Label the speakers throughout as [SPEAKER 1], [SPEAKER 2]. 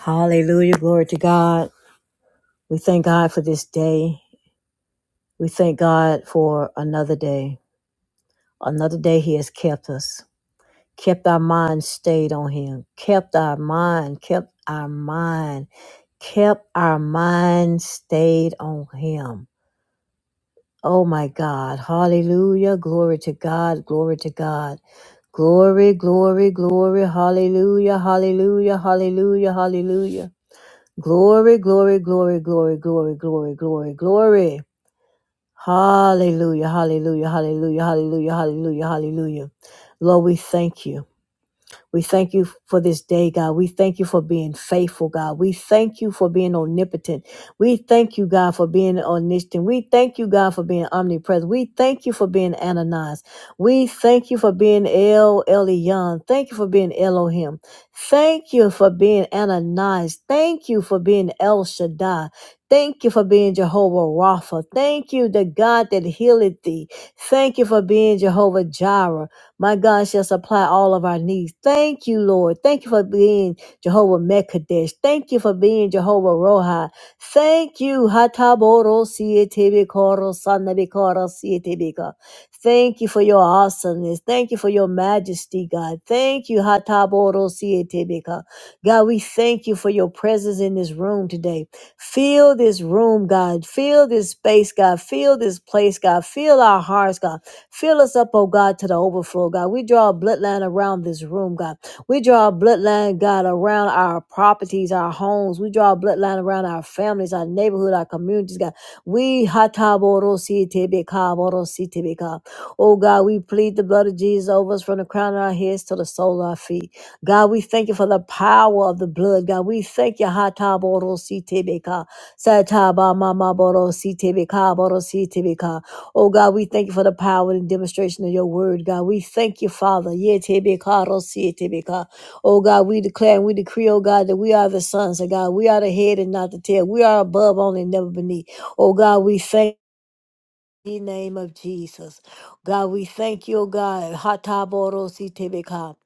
[SPEAKER 1] Hallelujah. Glory to God. We thank God for this day. We thank God for another day. Another day He has kept us, kept our mind stayed on Him, kept our mind, kept our mind, kept our mind stayed on Him. Oh my God. Hallelujah. Glory to God. Glory to God. Glory, glory, glory. Hallelujah. Hallelujah. Hallelujah. Hallelujah. Glory, glory, glory, glory, glory, glory, glory, glory. Hallelujah, hallelujah, hallelujah, hallelujah, hallelujah, hallelujah. Lord, we thank you. We thank you for this day, God. We thank you for being faithful, God. We thank you for being omnipotent. We thank you, God, for being omniscient. We thank you, God, for being omnipresent. We thank you for being Ananias. We thank you for being El Elyon. Thank you for being Elohim. Thank you for being Ananias. Thank you for being El Shaddai. Thank you for being Jehovah Rapha. Thank you, the God that healeth thee. Thank you for being Jehovah Jireh. My God shall supply all of our needs. Thank you, Lord. Thank you for being Jehovah Mekadesh. Thank you for being Jehovah Roha. Thank you. Hataboro sietebekoro sanabekoro sietebeka. Thank you for your awesomeness. Thank you for your majesty, God. Thank you. Hataboro sietebeka. God, we thank you for your presence in this room today. Fill this room, God. Fill this space, God. Fill this place, God. Fill our hearts, God. Fill us up, oh God, to the overflow, God. We draw a bloodline around this room, God. We draw a bloodline, God, around our properties, our homes. We draw a bloodline around our families, our neighborhood, our communities, God. We hataboro si si hataborositebekaborositebeka. Oh God, we plead the blood of Jesus over us from the crown of our heads to the sole of our feet. God, we thank you for the power of the blood. God, we thank you. hataboro si si Hataborositebeka. Satabamamaborositebekaborositebeka. Oh God, we thank you for the power and demonstration of your word, God. We thank you, Father. Yetebeka, rosiyetebeka. Oh God, we declare and we decree, oh God, that we are the sons of God. We are the head and not the tail. We are above only and never beneath. Oh God, we thank the name of Jesus. God, we thank you, O God, Hataborositebeka,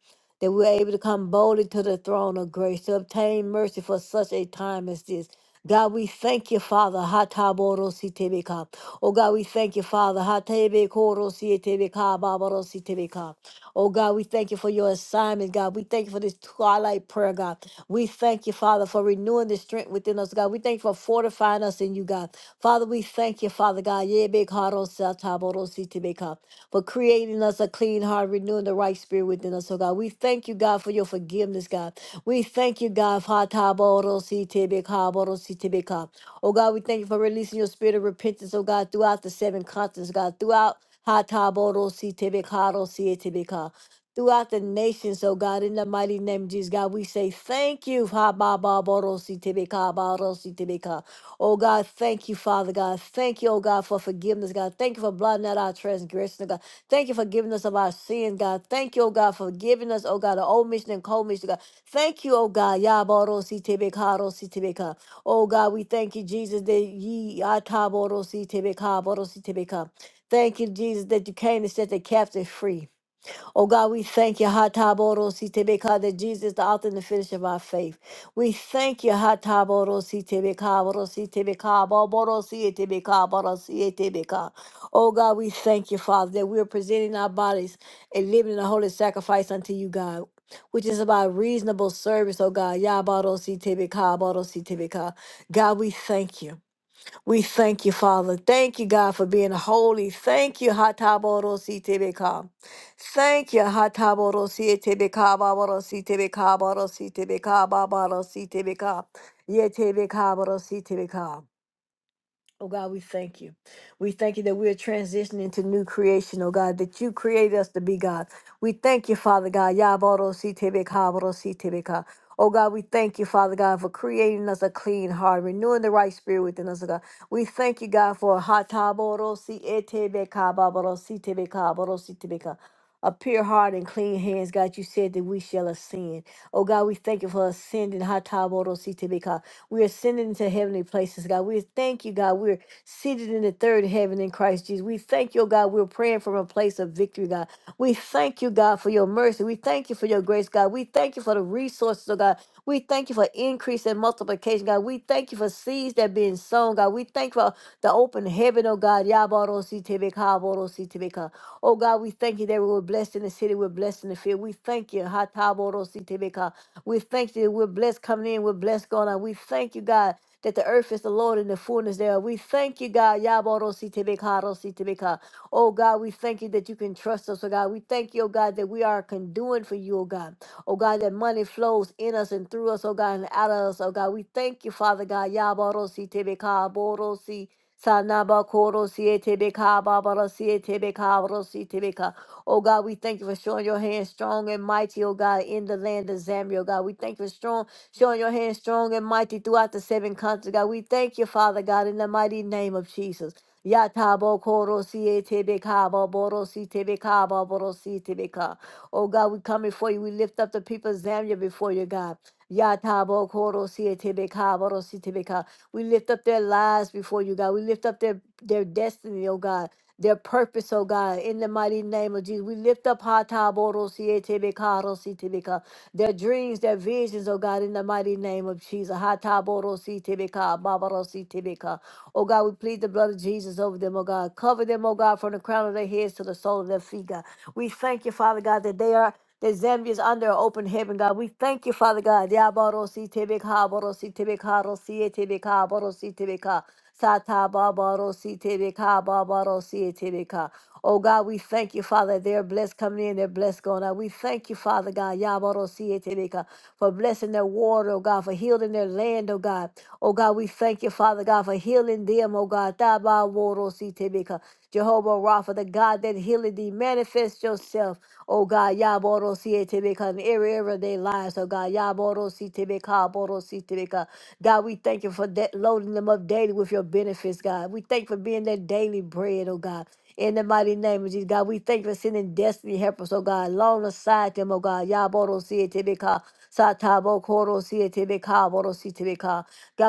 [SPEAKER 1] that we're able to come boldly to the throne of grace to obtain mercy for such a time as this. God, we thank you, Father. Hataborositebeka. Oh God, we thank you, Father. Hatebekorosietebeka, Babarositebeka. Oh God, we thank you for your assignment, God. We thank you for this twilight prayer, God. We thank you, Father, for renewing the strength within us, God. We thank you for fortifying us in you, God. Father, we thank you, Father God, Yebekarosatabodositibeka, for creating us a clean heart, renewing the right spirit within us, oh God. We thank you, God, for your forgiveness, God. We thank you, God, Hatabodositibekabodositibeka. oh God, we thank you for releasing your spirit of repentance, oh God, throughout the seven continents, oh God, throughout Hatabodositibekadositibeka throughout the nations, oh God, in the mighty name of Jesus, God, we say thank you. Ha ba ba ba ro si te be ka ba ro si te be ka. Oh God, thank you, Father God. Thank you, oh God, for forgiveness, God. Thank you for blotting out our transgressions, God. Thank you for giving us of our sins, God. Thank you, oh God, for giving us, oh God, the old mission and cold mission, God. Thank you, oh God. Yaboro Sitebekaro Sitebeka. Oh God, we thank you, Jesus, that ye ataboro Sitebeka, Boro si Sitebeka. Thank you, Jesus, that you came to set the captive free. Oh God, we thank you, Hataboro Sitebeka, that Jesus, is the author and the finisher of our faith. We thank you, Hataboro Sitebeka, Boro Sitebeka, Boro Sitebeka, Boro Sitebeka. Oh God, we thank you, Father, that we are presenting our bodies and living and a holy sacrifice unto you, God. Which is about reasonable service, oh God. Yabaro si God, we thank you. We thank you, Father. Thank you, God, for being holy. Thank you, Hatabarosi Tebeka. Thank you, Hatabarosi Tebeka, Babarosi Tebeka, Barosi Tebeka, Babarosi Tebeka, Ye Tebeka, Barosi Tebeka. Oh God, we thank you. We thank you that we are transitioning to new creation, oh God, that you created us to be God. We thank you, Father God. Yaboro si tebe si Oh God, we thank you, Father God, for creating us a clean heart, renewing the right spirit within us, oh God. We thank you, God, for hataboro si etebe ka, si si a pure heart and clean hands, God. You said that we shall ascend. Oh God, we thank you for ascending. We are ascending into heavenly places, God. We thank you, God. We're seated in the third heaven in Christ Jesus. We thank you, oh God. We're praying from a place of victory, God. We thank you, God, for your mercy. We thank you for your grace, God. We thank you for the resources, oh God. We thank you for increase and multiplication, God. We thank you for seeds that are being sown, God. We thank you for the open heaven, oh God. Yabarositebeka, borositebeka. Oh God, we thank you that we were blessed in the city, we're blessed in the field. We thank you. Hataborositebeka. We thank you. We're blessed coming in. We're blessed going out. We thank you, God, that the earth is the Lord and the fullness thereof. We thank you, God. Yabarositebeka. Oh, God, we thank you that you can trust us, oh, God. We thank you, oh, God, that we are conduit for you, oh, God. Oh, God, that money flows in us and through us, oh, God, and out of us, oh, God. We thank you, Father God. Yabarositebeka, borosi. Sanaba koro siete beka babara siete beka Oh God, we thank you for showing your hand strong and mighty, oh God, in the land of Zambia, oh God. We thank you for strong, showing your hand strong and mighty throughout the seven continents, oh, God. We thank you, Father God, in the mighty name of Jesus. Yatabo koro siye tebe kabo boro si tebe kabo boro si tebe ka. Oh God, we come before you. We lift up the people of Zambia before you, God. Yatabo koro siye tebe kabo boro si tebe ka. We lift up their lives before you, God. We lift up their, their destiny, oh God their purpose, oh God, in the mighty name of Jesus. We lift up Hataborosietebekarositebeka, their dreams, their visions, oh God, in the mighty name of Jesus. Hataborositebeka, Babarositebeka. Oh God, we plead the blood of Jesus over them, oh God. Cover them, oh God, from the crown of their heads to the sole of their feet, God. We thank you, Father God, that they are that Zambia is under an open heaven, God. We thank you, Father God. Yabarosi tebeka, borosi tebeka, rosi e tebeka, borosi tebeka. Sata babarosi tebeka, babarosi tebeka. Oh God, we thank you, Father. that They're blessed coming in, they're blessed going out. We thank you, Father God, Yabarosieteleka, for blessing their water, oh God, for healing their land, oh God. Oh God, we thank you, Father God, for healing them, oh God. Tabaworositebeka. Jehovah Rapha, the God that healed thee, manifest yourself, oh God, Yaborosietebeka, in every area of their lives, oh God. Yaborositebeka, Borositebeka. God, we thank you for that loading them up daily with your benefits, God. We thank you for being their daily bread, oh God. In the mighty name of Jesus, God, we thank you for sending destiny helpers, oh God, long aside them, oh God. Yaboro see it Tibika, Satabo Koro see it Tibika, Boro see it God,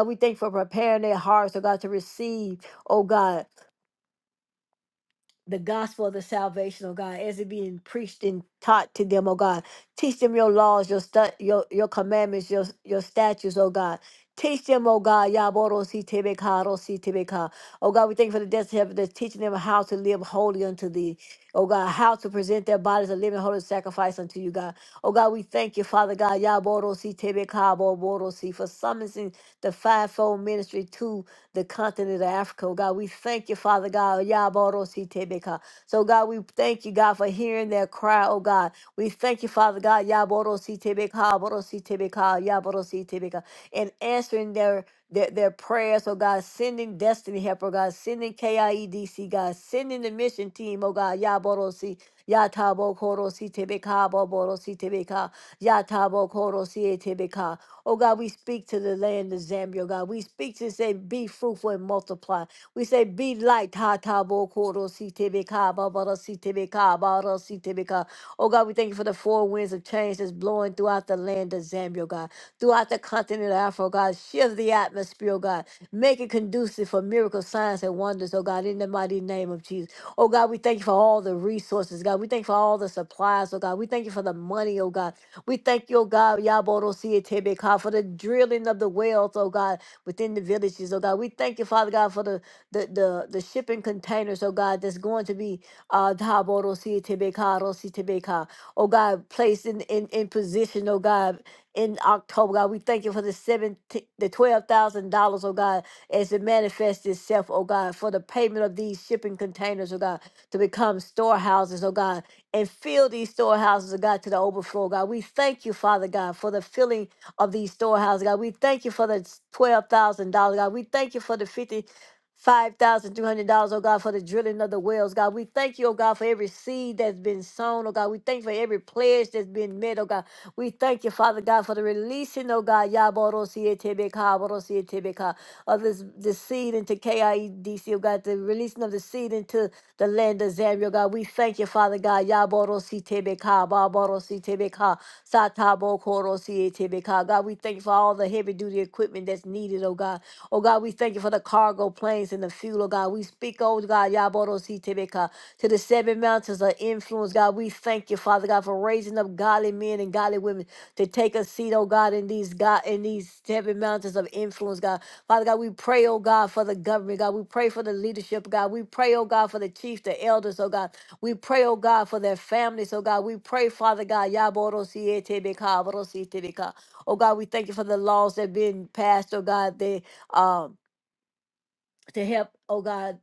[SPEAKER 1] we thank you for preparing their hearts, oh God, to receive, oh God the gospel of the salvation, oh God, as it being preached and taught to them, oh God. Teach them your laws, your stu- your your commandments, your your statutes, oh God. Teach them, oh God, Yaboro si tebeka, ro si tebeka. Oh God, we thank you for the death of heaven that's teaching them how to live holy unto thee. Oh God, how to present their bodies a living holy sacrifice unto you, God. Oh God, we thank you, Father God, Yaboro si tebeka, bo boro si, for summoning the fivefold ministry too the continent of Africa. Oh God, we thank you, Father God. Yaborositebeka. So God, we thank you, God, for hearing their cry, oh God. We thank you, Father God, Yaborositebeka, Borositebeka, Yaborositebeka, and answering their their, their prayers, oh God, sending destiny Helper, oh God, sending KIEDC, God, sending the mission team, oh God, Yaborosi, Yatabo Koro Sitebeka Boboro Sitebeka. Yatabo Koro Sietebeka. Oh God, we speak to the land of Zambia, oh God. We speak to say, be fruitful and multiply. We say, be light. Hatabo Koro Sitebeka Boboro Sitebeka Boboro Sitebeka. Oh God, we thank you for the four winds of change that's blowing throughout the land of Zambia, oh God. Throughout the continent of Africa, oh God. Shift the atmosphere, oh God. Make it conducive for miracles, signs, and wonders, oh God, in the mighty name of Jesus. Oh God, we thank you for all all the resources, God. We thank you for all the supplies, oh God. We thank you for the money, oh God. We thank you, oh God, Yaborosietebeka, for the drilling of the wells, oh God, within the villages, oh God. We thank you, Father God, for the the the, the shipping containers, oh God, that's going to be uh Daborosietebeka, Rositebeka, oh God, placed in, in, in position, oh God, in October, God. We thank you for the seven the twelve thousand dollars, oh God, as it manifests itself, oh God, for the payment of these shipping containers, oh God to become storehouses, oh God, and fill these storehouses, oh God, to the overflow, God. We thank you, Father God, for the filling of these storehouses, God. We thank you for the $12,000, God. We thank you for the fifty-five thousand three hundred dollars oh God, for the drilling of the wells, God. We thank you, oh God, for every seed that's been sown, oh God. We thank you for every pledge that's been made, oh God. We thank you, Father God, for the releasing, oh God. Yaborosietebeka, borosietebeka of this, this seed into KIEDC, oh God, the releasing of the seed into the land of Zambia, oh God. We thank you, Father God. Yaboro si tebeka, baboro si tebeka, satabo koro si tebeka. God, we thank you for all the heavy duty equipment that's needed, oh God. Oh God, we thank you for the cargo planes and the fuel, oh God. We speak, oh God, Yaboro si tebeka, to the seven mountains of influence, God. We thank you, Father God, for raising up godly men and godly women to take a seat, oh God, in these God in these seven mountains of influence, God. Father God, we pray, oh God, for the government, God. We pray for the leadership, God. We pray, oh God, for the chief, the elders, oh God. We pray, oh God, for their families, oh God. We pray, Father God, Yaborosietebeka, Borositebeka. oh God, we thank you for the laws that have been passed, oh God, they um to help, oh God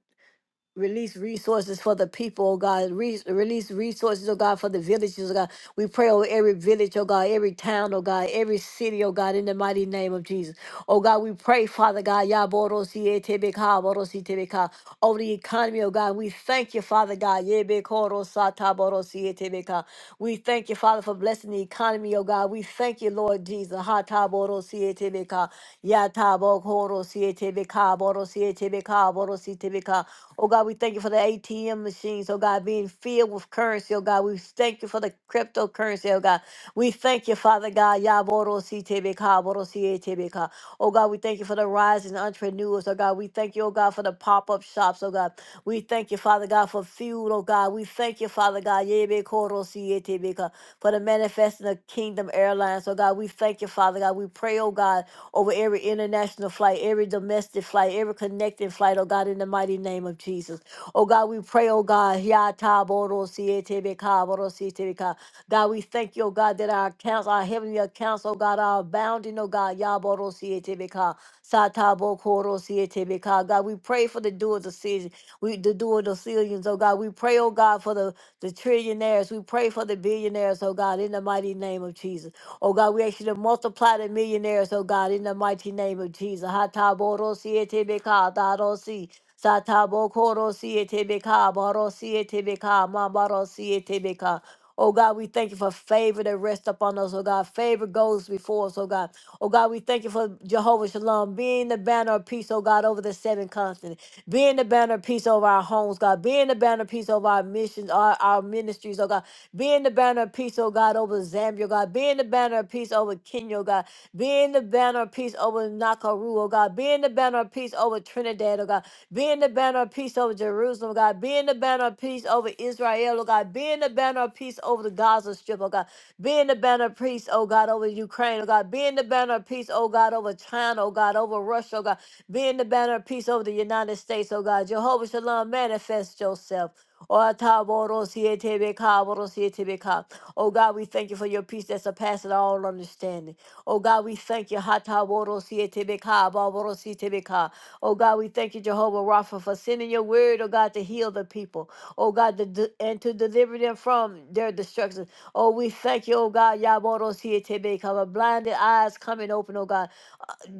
[SPEAKER 1] release resources for the people, oh God. Re- release resources, oh God, for the villages, oh God. We pray over every village, oh God, every town, oh God, every city, oh God, in the mighty name of Jesus. Oh God, we pray, Father God, Yaborosietebeka, Borositebeka, over the economy, oh God. We thank you, Father God. Yebekorosataborosietebeka. We thank you, Father, for blessing the economy, oh God. We thank you, Lord Jesus. Hataborosietebeka, Yatabokorosietebeka, Borosietebeka, Borositebeka. Oh God, we thank you for the ATM machines, oh God, being filled with currency, oh God. We thank you for the cryptocurrency, oh God. We thank you, Father God. Yaboro si tebeka, boro si tebeka. Oh God, we thank you for the rising entrepreneurs, oh God. We thank you, oh God, for the pop up shops, oh God. We thank you, Father God, for fuel, oh God. We thank you, Father God, yebe koro si tebeka, for the manifesting of Kingdom Airlines, oh God. We thank you, Father God. We pray, oh God over every international flight, every domestic flight, every connecting flight, oh God, in the mighty name of Jesus. Oh God, we pray, oh God, Ya ta bo ro si e te be ka, bo ro si e te be ka. God, we thank you, oh God, that our accounts, our heavenly accounts, oh God, are abounding, oh God, Ya bo ro si e te be ka, sa ta bo ko ro si e te be ka. God, we pray for the doers of season, we the doers of zillions, oh God. We pray, oh God, for the, the trillionaires. We pray for the billionaires, oh God, in the mighty name of Jesus. Oh God, we ask you to multiply the millionaires, oh God, in the mighty name of Jesus. Hataboro, Hatabodosietebeka, dadosi, satabokorosietebeka, barosietebeka, mabarosietebeka. Oh God, we thank you for favor that rests upon us. Oh God, favor goes before us. Oh God. Oh God, we thank you for Jehovah Shalom being the banner of peace. Oh God, over the seven continents. Being the banner of peace over our homes, God. Being the banner of peace over our missions, our, our ministries, oh God. Being the banner of peace, oh God, over Zambia, oh God. Being the banner of peace over Kenya, oh God. Being the banner of peace over Nakaru, oh God. Being the banner of peace over Trinidad, oh God. Being the banner of peace over Jerusalem. Jerusalem, God. Being the banner of peace over Israel, oh God. Being the banner of peace over the Gaza Strip, oh God. Being the banner of peace, oh God, over Ukraine, oh God. Being the banner of peace, oh God, over China, oh God, over Russia, oh God. Being the banner of peace over the United States, oh God. Jehovah Shalom, manifest yourself. Oh Taboro Sietebe Oh, God, we thank you for your peace that surpasses all understanding. Oh God, we thank you. Hata Boro Oh God, we thank you, Jehovah Rapha, for sending your word, oh God, to heal the people. Oh God, to, de- and to deliver them from their destruction. Oh, we thank you, oh God, Yabodo Sietebe, cover blinded eyes coming open, oh God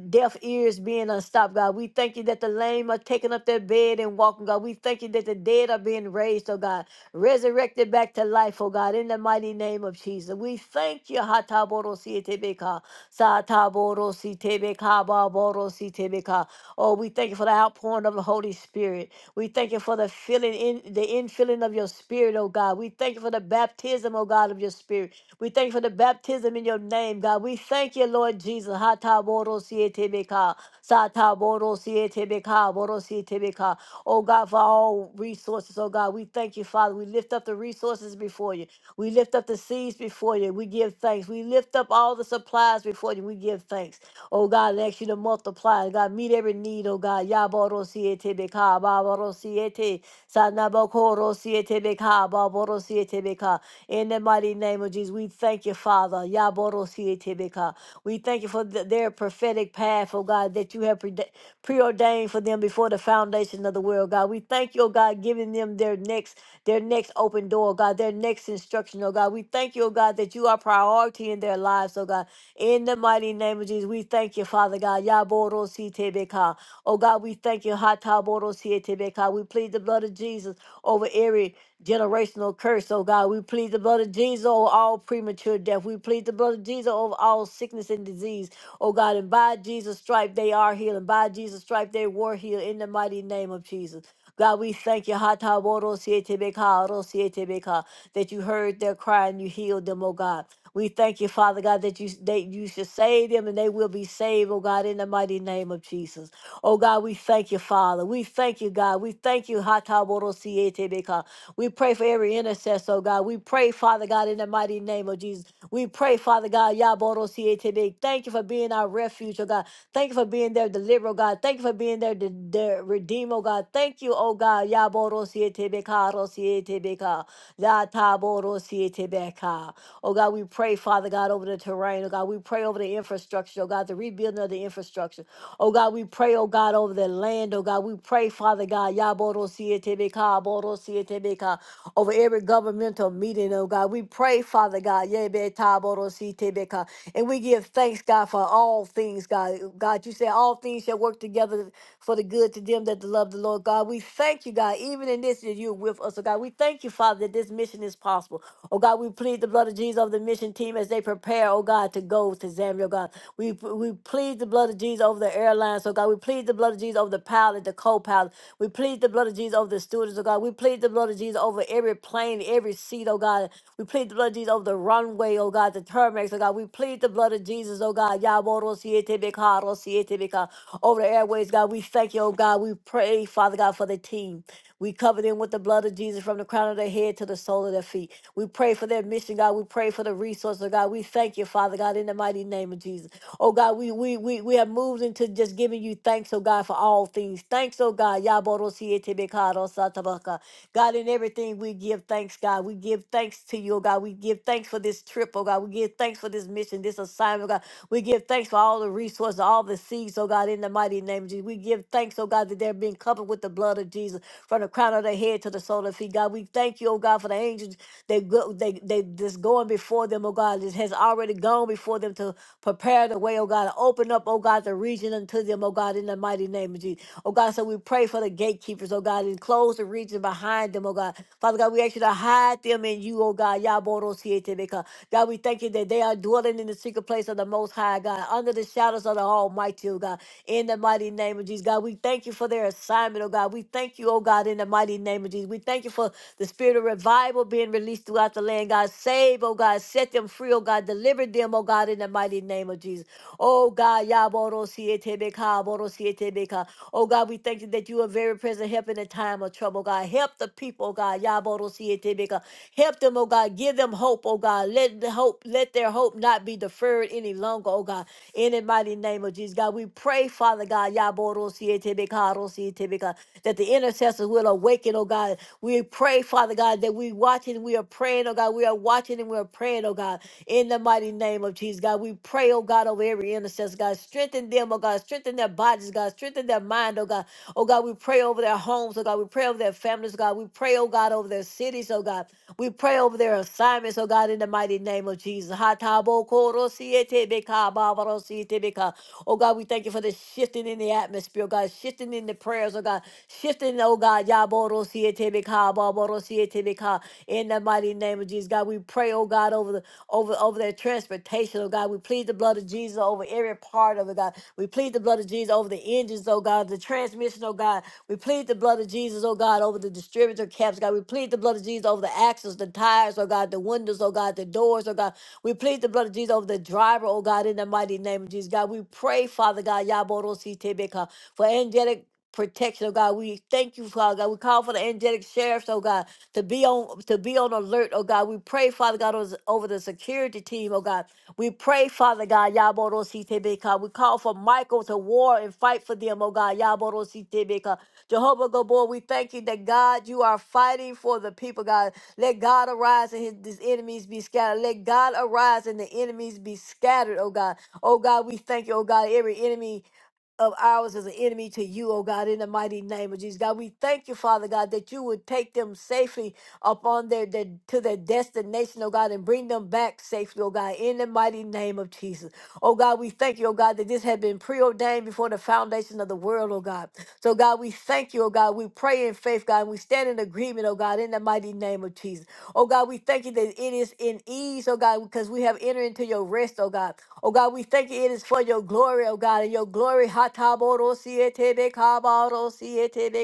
[SPEAKER 1] deaf ears being unstopped, God. We thank you that the lame are taking up their bed and walking, God. We thank you that the dead are being raised, oh God, resurrected back to life, oh God, in the mighty name of Jesus. We thank you, Hatabodosietebeka, Satabodositebeka, Babodositebeka. Oh, we thank you for the outpouring of the Holy Spirit. We thank you for the filling in the infilling of your spirit, oh God. We thank you for the baptism, oh God, of your spirit. We thank you for the baptism in your name, God. We thank you, Lord Jesus. Hata boro siete beka, sata Hatabodosietebeka, satabodosietebeka, beka. Boro siete beka. Oh God, for all resources. Oh God, we thank you, Father. We lift up the resources before you. We lift up the seeds before you. We give thanks. We lift up all the supplies before you. We give thanks. Oh God, and ask you to multiply. God, meet every need, oh God. Ya boro siete beka, Yaborosietebeka, baborosiete, sanabokoro siete beka, Ba boro siete beka. In the mighty name of Jesus, we thank you, Father. Yaborosietebeka. We thank you for th- their prophetic path, oh God, that you have prede- preordained for them before the foundation of the world, God. We thank you, oh God, giving them their next, their next open door, oh God, their next instruction, oh God. We thank you, oh God, that you are priority in their lives, oh God. In the mighty name of Jesus, we thank you, Father God. Yaborosietebeka. Oh God, we thank you. Hatabodosietebeka. We plead the blood of Jesus over every generational curse, oh God. We plead the blood of Jesus over all premature death. We plead the blood of Jesus over all sickness and disease, oh God. And by Jesus' stripe, they are healed. And by Jesus' stripe, they were healed in the mighty name of Jesus. God, we thank you, Hata Woro Siete Beka, Oro Siete Beka, that you heard their cry and you healed them, oh God. We thank you, Father God, that you that you should save them and they will be saved, oh God, in the mighty name of Jesus. Oh God, we thank you, Father. We thank you, God. We thank you, Hata Woro Siete Beka. We pray for every intercessor, oh God. We pray, Father God, in the mighty name of Jesus. We pray, Father God, Yaboro today. Thank you for being our refuge, oh God. Thank you for being their deliverer, oh God. Thank you for being their, de- their redeemer, oh God. Thank you, oh God. Yaboro Sietebeka, La Taboro Sietebeka. Oh God, we pray, Father God, over the terrain, oh God. We pray over the infrastructure, oh God, the rebuilding of the infrastructure. Oh God, we pray, oh God, over the land, oh God. We pray, Father God, Yaboro Sietebeka, Boro Sietebeka over every governmental meeting, oh God. We pray, Father God, Yebe Taboro Si Tebeka. and we give thanks, God, for all things, God. God, you say all things shall work together for the good to them that love the Lord, God. We thank you, God, even in this, that you're with us, oh God. We thank you, Father, that this mission is possible. Oh God, we plead the blood of Jesus over the mission team as they prepare, oh God, to go to Zambia, oh God. We, we plead the blood of Jesus over the airlines, oh God. We plead the blood of Jesus over the pilot, the co pilot. We plead the blood of Jesus over the students, oh God. We plead the blood of Jesus. Jesus, over every plane, every seat, oh God. We plead the blood of Jesus over the runway, oh God, the terminex, oh God. We plead the blood of Jesus, oh God. Yaboro siete beka, ro siete beka, Over the airways, God. We thank you, oh God. We pray, Father God, for the team. We cover them with the blood of Jesus from the crown of their head to the sole of their feet. We pray for their mission, God. We pray for the resources, oh God. We thank you, Father God, in the mighty name of Jesus. Oh God, we we we, we have moved into just giving you thanks, oh God, for all things. Thanks, oh God. Yaboro siete beka, ro satabaka. God, in everything we give thanks, God. We give thanks to you, oh God. We give thanks for this trip, oh God. We give thanks for this mission, this assignment, oh God. We give thanks for all the resources, all the seeds, oh God, in the mighty name of Jesus. We give thanks, oh God, that they're being covered with the blood of Jesus from the crown of their head to the sole of their feet, God. We thank you, oh God, for the angels they go they they just going before them, oh God, that has already gone before them to prepare the the way, oh God, and open up, oh God, the region unto them, oh God, in the mighty name of Jesus. Oh God, so we pray for the gatekeepers, oh God, and close the region behind them, oh God. Father God, we ask you to hide them in you, oh God. Yaboro sietebeka. God, we thank you that they are dwelling in the secret place of the Most High, God, under the shadows of the Almighty, oh God, in the mighty name of Jesus. God, we thank you for their assignment, oh God. We thank you, oh God, in the mighty name of Jesus. We thank thank you for the spirit of revival being released throughout the land. God, save, oh God, set them free, oh God, deliver them, oh God, in the mighty name of Jesus. Oh God, Yaboro Sietebeka, Boro Sietebeka. Oh God, we thank you that you are very present, help in the time of trouble, God. Help the people, oh God, Yaboro Sietebeka. Help them, oh God, give them hope, oh God. Let the hope, let their hope not be deferred any longer, oh God. In the mighty name of Jesus, God, we pray, Father God, Yaborosietebeka, that the intercessors will awaken, oh God. We pray, Father God, that we watching, we are praying, oh God. We are watching and we are praying, oh God. In the mighty name of Jesus, God, we pray, oh God, over every intercessor, God. Strengthen them, oh God. Strengthen their bodies, God. Strengthen their mind, oh God. Oh God, we pray over their homes, oh God. We pray over their families, God. We pray, oh God, over their cities, oh God. We pray over their assignments, oh God, in the mighty name of Jesus. Hatabokorosietebekababarosietebeka. Oh God, we thank you for the shifting in the atmosphere, oh God, shifting in the prayers, oh God, shifting, oh God, yaborosietebekababarosietebeka. in the mighty name of Jesus. God, we pray, oh God, over the over over their transportation, oh God. We plead the blood of Jesus over every part of it, God. We plead the blood of Jesus over the engines, oh God, the transmission, oh God. We plead the blood of Jesus, oh God, over the distributor caps, God. We plead the blood of Jesus over the axles, the tires, oh God, the windows, oh God, the doors, oh God. We plead the blood of Jesus over the driver, oh God, in the mighty name of Jesus, God. We pray, Father God, Yaborositebeka, for angelic protection, oh God. We thank you, Father God. We call for the angelic sheriffs, oh God, to be on to be on alert, oh God. We pray, Father God, over over the security team, oh God. We pray, Father God, Yaborositebeka. We call for Michael to war and fight for them, oh God, Yaborositebeka. Jehovah Gabor, we thank you that God, you are fighting for the people, God. Let God arise and his, his enemies be scattered. Let God arise and the enemies be scattered, oh God. Oh God, we thank you, oh God. Every enemy of ours is an enemy to you, oh God, in the mighty name of Jesus. God, we thank you, Father God, that you would take them safely upon their, their to their destination, oh God, and bring them back safely, oh God, in the mighty name of Jesus. Oh God, we thank you, oh God, that this had been preordained before the foundation of the world, oh God. So God, we thank you, oh God. We pray in faith, God, and we stand in agreement, oh God, in the mighty name of Jesus. Oh God, we thank you that it is in ease, oh God, because we have entered into your rest, oh God. Oh God, we thank you. It is for your glory, oh God, and your glory. Hataboro boro satabo Hataborosietebeka,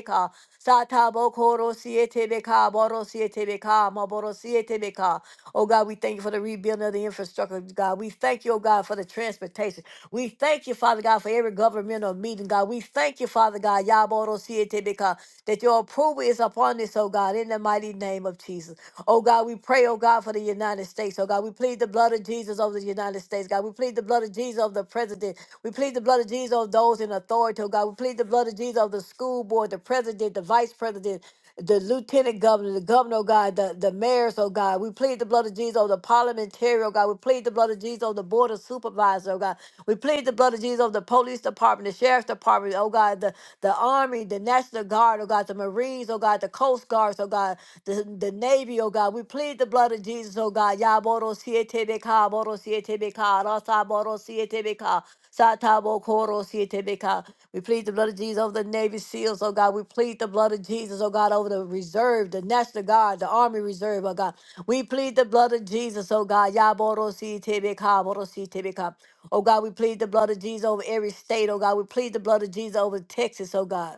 [SPEAKER 1] borosietebeka, satabokorosietebeka, borosietebeka, maborosietebeka. Oh God, we thank you for the rebuilding of the infrastructure, God. We thank you, oh God, for the transportation. We thank you, Father God, for every governmental meeting, God. We thank you, Father God, yaborosietebeka, that your approval is upon this, oh God, in the mighty name of Jesus. Oh God, we pray, oh God, for the United States. Oh God, we plead the blood of Jesus over the United States. God, we plead the blood of Jesus over the president. We plead the blood of Jesus over those in authority. Oh God, we plead the blood of Jesus over the school board, the president, the vice president the lieutenant governor, the governor, oh God, the, the mayors, oh God. We plead the blood of Jesus over the parliamentary, oh God. We plead the blood of Jesus over the board of supervisors, oh God. We plead the blood of Jesus over the police department, the sheriff's department, oh God, the, the army, the National Guard, oh God, the Marines, oh God, the Coast Guards, oh God, the, the Navy, oh God. We plead the blood of Jesus, oh God. Yaboro siete beka, boro siete beka, rasa boro siete beka, satabo koro siete beka. We plead the blood of Jesus over the Navy SEALs, oh God. We plead the blood of Jesus, oh God, over the reserve, the National Guard, the Army Reserve, oh God. We plead the blood of Jesus, oh God. Yaborosi tebeka, borosi tebeka. Oh God, we plead the blood of Jesus over every state, oh God. We plead the blood of Jesus over Texas, oh God.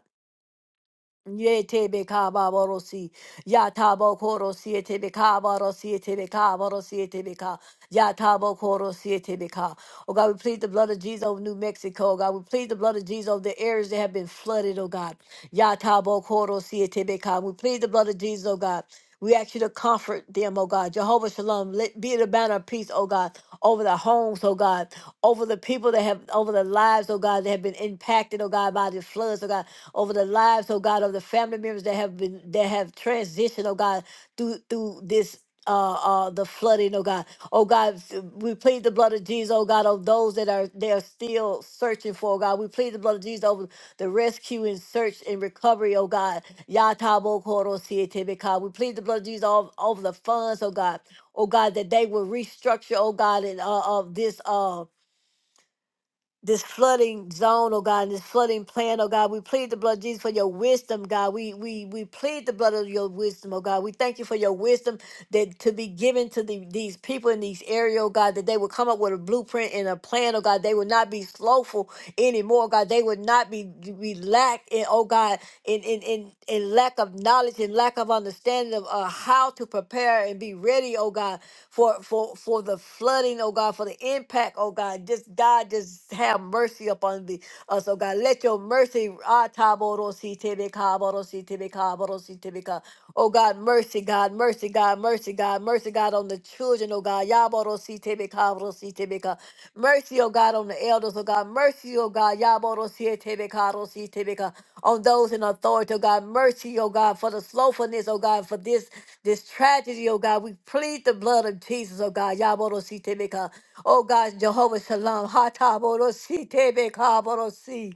[SPEAKER 1] Ye tebe kaba borosi, ya tabo koro siye tebe kaba rosi ye tebe kaba rosi ye tebe ka, ya tabo koro siye tebe ka. Oh God, we plead the blood of Jesus over New Mexico. Oh God, we plead the blood of Jesus over the areas that have been flooded. Oh God, ya tabo koro siye tebe ka. We plead the blood of Jesus. Oh God. We ask you to comfort them, oh God. Jehovah Shalom, let be the banner of peace, oh God, over the homes, oh God, over the people that have, over the lives, oh God, that have been impacted, oh God, by the floods, oh God, over the lives, oh God, of the family members that have been, that have transitioned, oh God, through, through this. Uh, uh, the flooding, oh God, oh God, we plead the blood of Jesus, oh God, of those that are they are still searching for, oh God, we plead the blood of Jesus over the rescue and search and recovery, oh God, Yatabo Koro Sietebeka. We plead the blood of Jesus all over the funds, oh God. Oh God, that they will restructure, oh God, and uh, of this. uh this flooding zone, oh God, and this flooding plan, oh God. We plead the blood of Jesus for your wisdom, God. We we we plead the blood of your wisdom, oh God. We thank you for your wisdom that to be given to the, these people in these areas, oh God, that they will come up with a blueprint and a plan, oh God. They will not be slothful anymore, God. They would not be be lack in, oh God, in in in, in lack of knowledge and lack of understanding of uh, how to prepare and be ready, oh God for for for the flooding, oh God, for the impact, oh God. Just God, just have mercy upon the, us, oh God. Let your mercy, ah, taborosite becaborosite becaborosite beca- oh God, mercy, God, mercy, God, mercy, God, mercy, God, on the children, oh God. Yaborosite becaborosite beca- Mercy, oh God, on the elders, oh God. Mercy, oh God, yaborosite becaborosite beca- on those in authority, oh God. Mercy, oh God, for the slothfulness, oh God, for this this tragedy, oh God. We plead the blood of Jesus, oh God. Yaborositebeka. Oh God, Jehovah Shalom. Hatabodositebeka borosi.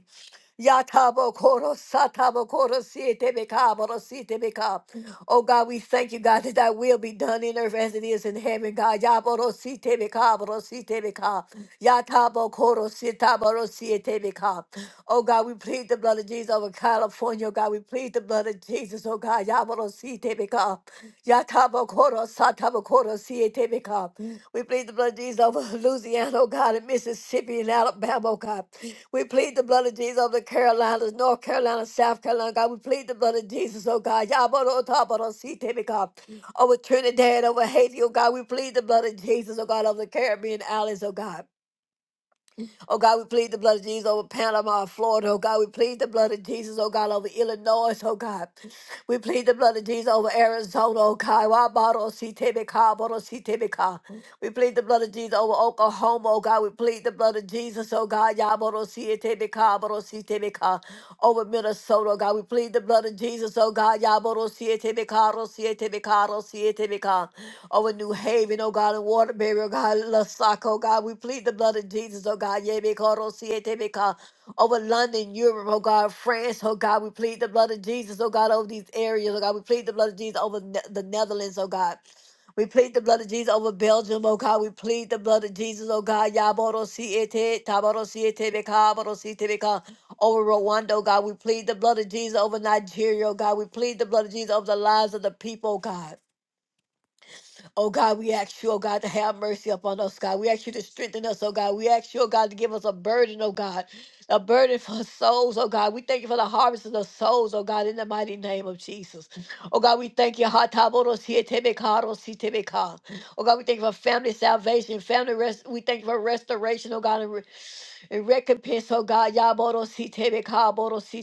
[SPEAKER 1] Yatabo koro satabo koro siete beka boro siete beka. Oh God, we thank you, God, that thy will be done in earth as it is in heaven, God. Yaboro siete beka boro siete beka. Yatabo koro sita boro siete beka. Oh God, we plead the blood of Jesus over California, oh God. We plead the blood of Jesus, oh God. Yaboro siete beka. Yatabo koro satabo koro siete beka. We plead the blood of Jesus over Louisiana, oh God, and Mississippi and Alabama, oh God. We plead the blood of Jesus over the Carolinas, North Carolina, South Carolina, God. We plead the blood of Jesus, oh God. Yabarothabarositebe, God. Over Trinidad, over Haiti, oh God. We plead the blood of Jesus, oh God, over the Caribbean islands, oh God. Oh God, we plead the blood of Jesus over Panama, Florida. Oh God, we plead the blood of Jesus, oh God, over Illinois, oh God. We plead the blood of Jesus over Arizona, oh God. Why bottle see Timmy car, see Timmy We plead the blood of Jesus over Oklahoma, oh God. We plead the blood of Jesus, oh God. Y'all see it, Timmy see Timmy Over Minnesota, oh God. We plead the blood of Jesus, oh God. Y'all bottle see siete beca, do siete beca. Over New Haven, oh God, and Waterbury, oh God, Lusac, oh God, we plead the blood of Jesus, oh God, yeah, beca, do siete beca. Over London, Europe, oh God, France, oh God, we plead the blood of Jesus, oh God, over these areas, oh God, we plead the blood of Jesus over ne- the Netherlands, oh God. We plead the blood of Jesus over Belgium, oh God. We plead the blood of Jesus, oh God. Yaboro siete, taboro siete, over Rwanda, oh God. We plead the blood of Jesus over Nigeria, oh God. We plead the blood of Jesus over the lives of the people, oh God. Oh God, we ask you, oh God, to have mercy upon us, God. We ask you to strengthen us, oh God. We ask you, oh God, to give us a burden, oh God. A burden for souls, oh God. We thank you for the harvest of the souls, oh God, in the mighty name of Jesus. Oh God, we thank you. Ha ta bo ro si e te me ka ro si te me ka. Oh God, we thank you for family salvation, family rest. We thank you for restoration, oh God and recompense, oh God. Yaboro si tebeka, boro si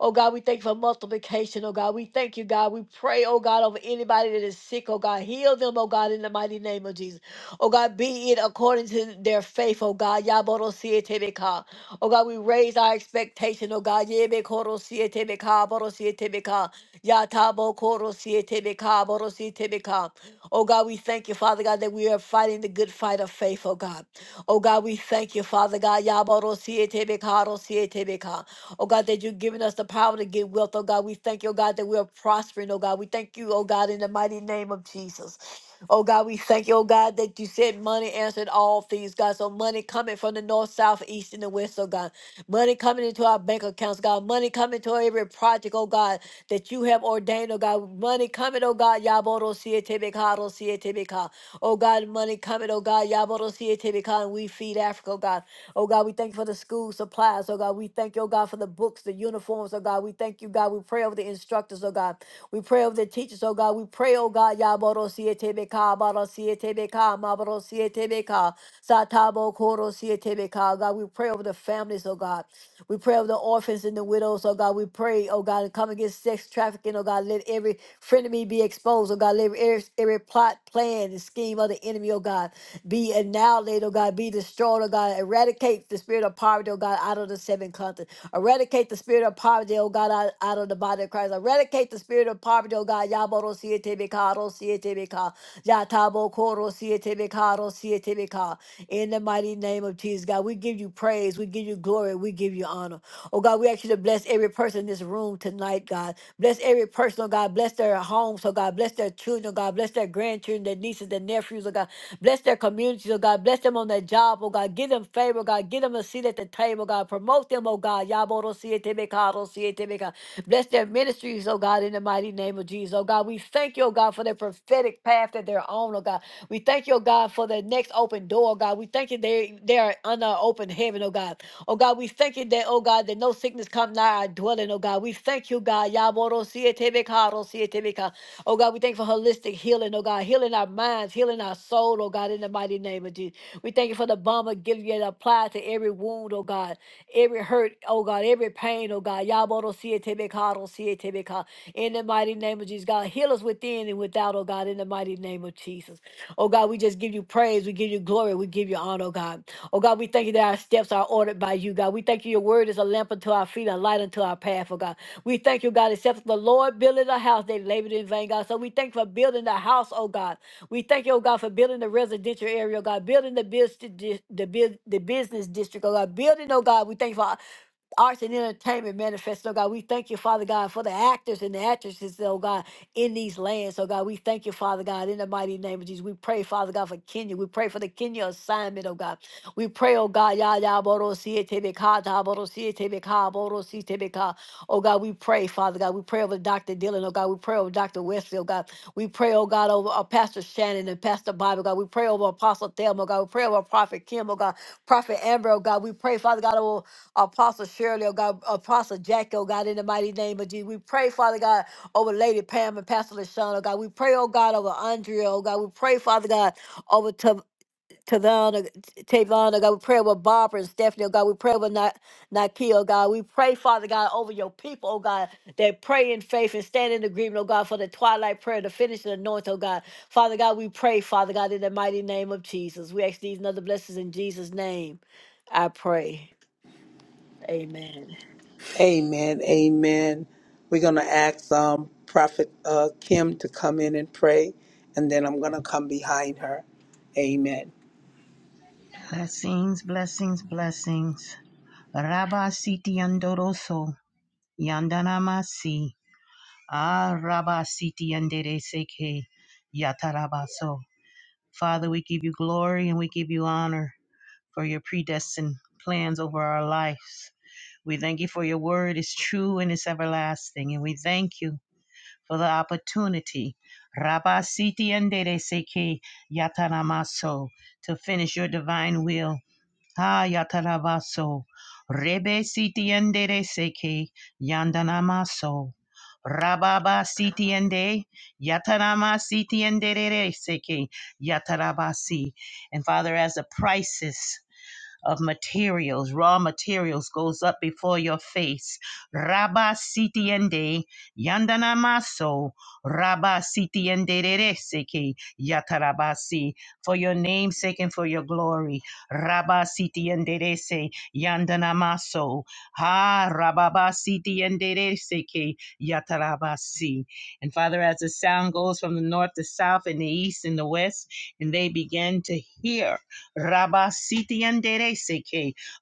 [SPEAKER 1] Oh God, we thank you for multiplication, oh God. We thank you, God. We pray, oh God, over anybody that is sick, oh God. Heal them, oh God, in the mighty name of Jesus. Oh God, be it according to their faith, oh God. Yaboro si tebeka. Oh God, we raise our expectation, oh God. Yebe koro si tebeka, boro si tebeka. Yatabo koro si tebeka, boro si Oh God, we thank you, Father God, that we are fighting the good fight of faith, oh God. Oh God, we thank you, Father God. Yaboro siete bekaro siete beka. Oh God, that you've given us the power to get wealth. Oh God, we thank you, oh God, that we are prospering. Oh God, we thank you, oh God, in the mighty name of Jesus. Oh God, we thank you, oh God, that you said money answered all things, God. So money coming from the north, south, east, and the west, oh God. Money coming into our bank accounts, God. Money coming to every project, oh God, that you have ordained, oh God. Money coming, oh God. Yaboro siete bekaro siete beka. Oh God, money coming. Oh God, Yabodosiete because we feed Africa, oh God. Oh God, we thank you for the school supplies. Oh God, we thank you, oh God, for the books, the uniforms, oh God. We thank you, God. We pray over the instructors, oh God. We pray over the teachers, oh God. We pray, oh God, Yabodosiete because Badosiete because Mabodosiete because Satabo Korosiete because God. We pray over the families, oh God. We pray over the orphans and the widows, oh God. We pray, oh God, to come against sex trafficking, oh God. Let every frenemy be exposed, oh God. Let every, every plot, plan, and scheme of the enemy, oh God, be annihilated, oh God, be destroyed, oh God. Eradicate the spirit of poverty, oh God, out of the seven continents. Eradicate the spirit of poverty, oh God, out, out of the body of Christ. Eradicate the spirit of poverty, oh God. Yaboro sietebeka, ro sietebeka. Yatabo koro sietebeka, ro sietebeka. In the mighty name of Jesus, God, we give you praise. We give you glory. We give you honor. Oh God, we ask you to bless. Bless every person in this room tonight, God. Bless every person, oh God. Bless their homes, oh God. Bless their children, oh God. Bless their grandchildren, their nieces, their nephews, oh God. Bless their communities, oh God. Bless them on their job, oh God. Give them favor, oh God. Give them a seat at the table, oh God. Promote them, oh God. Yaboro siete bekado siete beka. Bless their ministries, oh God, in the mighty name of Jesus, oh God. We thank you, oh God, for their prophetic path that they're on, oh God. We thank you, oh God, for the next open door, oh God. We thank you they, they are under open heaven, oh God. Oh God, we thank you that, oh God, that no sickness come nigh our dwelling, oh God. We thank you, God. Yaboro sietebeka, ro sietebeka. Oh God, we thank you for holistic healing, oh God, healing our minds, healing our soul, oh God, in the mighty name of Jesus. We thank you for the bomb of Gilead applied to every wound, oh God, every hurt, oh God, every pain, oh God. Yaboro sietebeka, ro sietebeka. In the mighty name of Jesus, God, heal us within and without, oh God, in the mighty name of Jesus. Oh God, we just give you praise, we give you glory, we give you honor, oh God. Oh God, we thank you that our steps are ordered by you, God. We thank you your word is a lamp unto our feet, a light unto our path, oh God. We thank you, God, except the Lord builded a house, they labored in vain, God. So we thank you for building the house, oh God. We thank you, oh God, for building the residential area, oh God, building the business, the, bus- the business district, oh God, building, oh God. We thank you for arts and entertainment manifest, oh God. We thank you, Father God, for the actors and the actresses, oh God, in these lands. Oh God, we thank you, Father God, in the mighty name of Jesus. We pray, Father God, for Kenya. We pray for the Kenya assignment, oh God. We pray, oh God, ya ya boro siye tebe ka ta boro siye tebe ka boro si tebe ka. Oh God, we pray, Father God. We pray over Dr. Dylan, oh God. We pray over Dr. Wesley, oh God. We pray, oh God, over uh, Pastor Shannon and Pastor Bible, God. We pray over Apostle Thelma, oh God. We pray over Prophet Kim, oh God. Prophet Amber, oh God. We pray, Father God, over Apostle Shirley, oh God, Apostle Jackie, oh God, in the mighty name of Jesus. We pray, Father God, over Lady Pam and Pastor LaShawn, oh God. We pray, oh God, over Andrea, oh God. We pray, Father God, over Tav- Tavon, oh T- Tavon, oh God. We pray over Barbara and Stephanie, oh God. We pray over Na- Nike, oh God. We pray, Father God, over your people, oh God, that pray in faith and stand in agreement, oh God, for the twilight prayer, the finishing anointing, oh God. Father God, we pray, Father God, in the mighty name of Jesus. We ask these and other blessings in Jesus' name. I pray. Amen.
[SPEAKER 2] Amen. Amen. We're going to ask um, Prophet uh, Kim to come in and pray, and then I'm going to come behind her. Amen.
[SPEAKER 3] Blessings, blessings, blessings. Rabba siti andoroso, yandanamasi. Ah, rabba siti andere seke, yatarabaso. Father, we give you glory and we give you honor for your predestined plans over our lives. We thank you for your word is true and it's everlasting. And we thank you for the opportunity, Rabba siti andere seke, yataramaso, to finish your divine will Hayatarabaso, Rebe Sitiendere Seke, Yandanamaso, Rababa Sitiende, Yatarama Sitiendere Seke, Yatarabasi. And Father, as the prices of materials, raw materials goes up before your face. Rabba sitiende yandana maso, rabba sitiende rereseke yatarabasi, for your name's sake and for your glory. Rabba sitiende rese yandana maso, ha rababa sitiende reseke yatarabasi. And Father, as the sound goes from the north, the south, and the east, and the west, and they begin to hear. Rabasiti and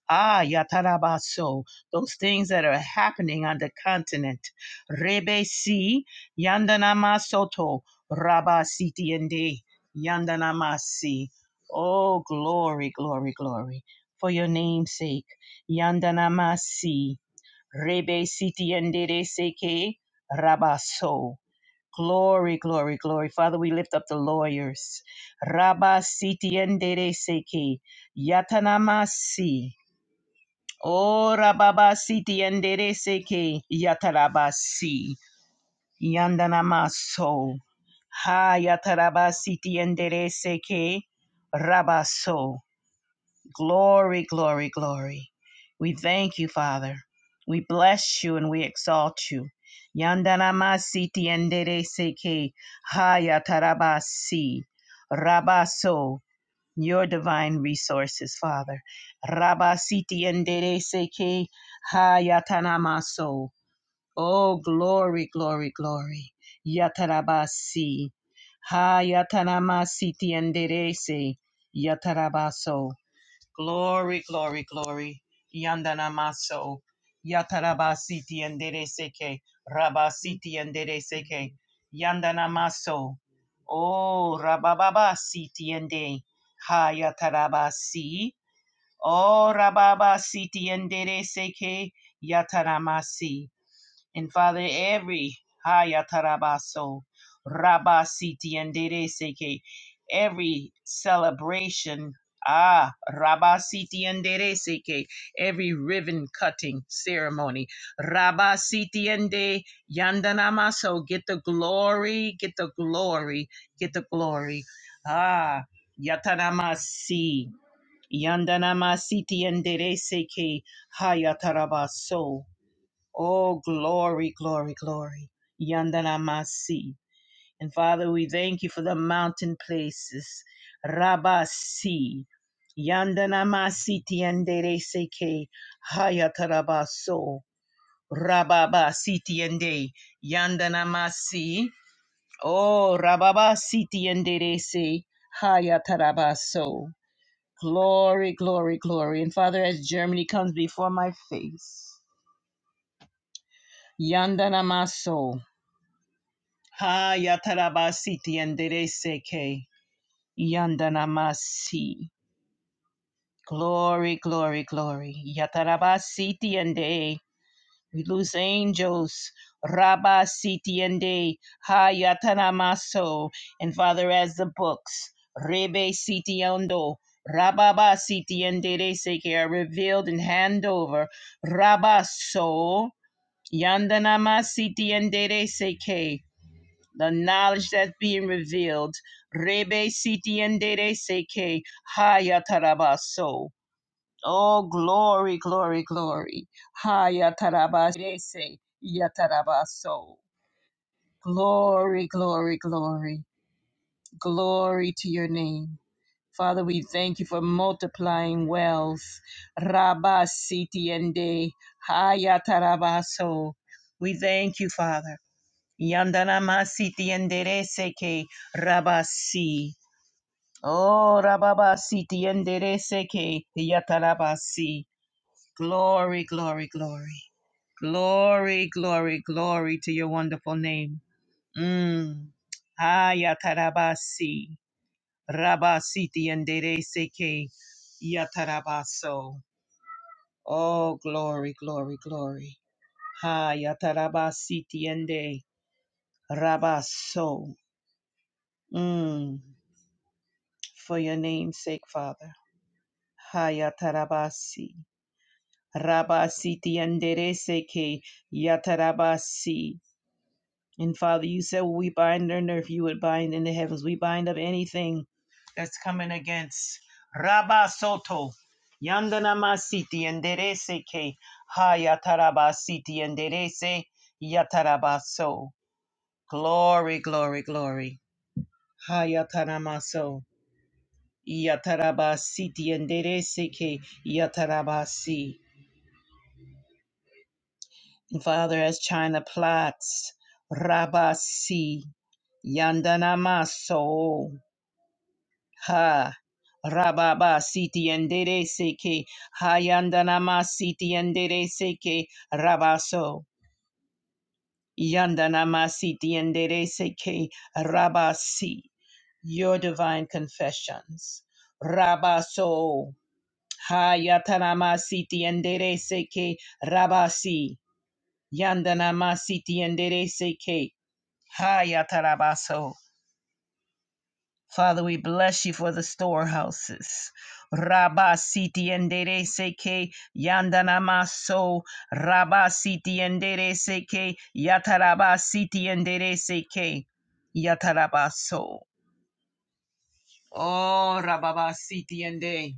[SPEAKER 3] Ah, Yatarabaso. Those things that are happening on the continent. Rebesi, Yandanamasoto, Rabasiti Yandanamasi. Oh, glory, glory, glory. For your name's sake. Yandanamasi, Rebesiti and Rabaso. Glory, glory, glory. Father, we lift up the lawyers. Rabba siti endere seki. Yatanamasi. Oh, rababa siti endere seki. Yatarabasi. Yandanamaso. Ha yatarabasiti endere seki. Rabaso. Glory, glory, glory. We thank you, Father. We bless you and we exalt you. Yandanamasi tiendere seke hayatarabasi rabaso. Your divine resources, Father. Rabasi tiendere seke hayatanamaso. Oh, glory, glory, glory. Yatarabasi hayatanamasi tiendere se yatarabaso. Glory, glory, glory. Yandana maso. Yatarabasiti and Dere seke. Rabasiti and Dere seke. Yandana maso. Oh, rabababa siti and De. Hayatarabasi. Oh, rababa siti and Dere seke. Yataramasi. And Father, every Hayatarabaso, Rabasiti and Dede Seke, every celebration, ah, Rabasiti and Dede Seke, every ribbon cutting ceremony, Rabasiti and De Yandanamaso, get the glory, get the glory, get the glory. Ah, Yatanamasi, Yandanamasiti and Dede Seke, Hayatarabaso. Oh, glory, glory, glory. Yandanamasi. And Father, we thank you for the mountain places. Rabasi. Yandanamasi tiendere seke. Hayatarabaso. Rababasi tiende. Yandanamasi. Oh, rababasi tiendere se. Hayatarabaso. Glory, glory, glory. And Father, as Germany comes before my face. Yandanamaso. Ha yatarabasiti yandereseke yandanamasi. Glory, glory, glory. Yatarabasiti yande. We lose angels. Rabasiti yande. Ha yatanamaso. And Father, as the books, Rebe siti yando. Rababa siti yandereseke are revealed and hand over. Rabaso. Yandanamasiti yandereseke the knowledge that's being revealed. Rebe siti endere seke haya tarabaso. Oh, glory, glory, glory. Haya tarabase yatarabaso. Glory, glory, glory. Glory to your name. Father, we thank you for multiplying wealth. Rabba siti ende haya tarabaso. We thank you, Father. Yandana masiti enderece que rabasi. Oh, rababasi ti enderece que yatarabasi. Glory, glory, glory. Glory, glory, glory to your wonderful name. Mm. Ayatarabasi. Rabasi ti enderece que yatarabaso. Oh, glory, glory, glory. Hayatarabasi ti ende rabaso. Mm. for your name's sake, Father. Hayatarabasi. Rabasi tiandereseke yatarabasi. And Father, you said what we bind on earth, you would bind in the heavens. We bind up anything that's coming against Rabasoto. Yandanamasiti tiandereseke hayatarabasi tianderese yatarabaso. Glory, glory, glory. Hayataramaso. Yatarabasi diendere ke yatarabasi. And Father, as China plots, rabasi yandanamaso ha. Rababasi diendere seke hayandanamasi diendere seke rabaso. Yandanamasi diendere seke rabasi. Your divine confessions. Rabaso. Hayatanama siti endere seke rabasi. Yandanama siti endere seke. Hayatarabaso. Father, we bless you for the storehouses. Rabasiti endere seke yandanamaso. Rabasiti endere seke yatarabasiti endere seke yatarabaso. Oh, rababasiti ende.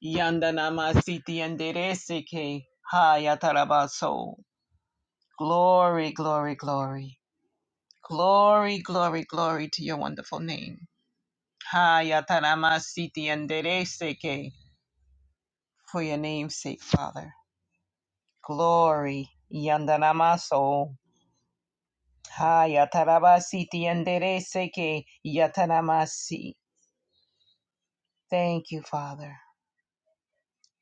[SPEAKER 3] Yanda namasiti yandereseke. Hayatarabaso. Glory, glory, glory. Glory, glory, glory to your wonderful name. Hayataramasiti yandereseke. For your name's sake, Father. Glory. Yanda namaso. Hayatarabasiti yandereseke. yatanamasi. Thank you, Father.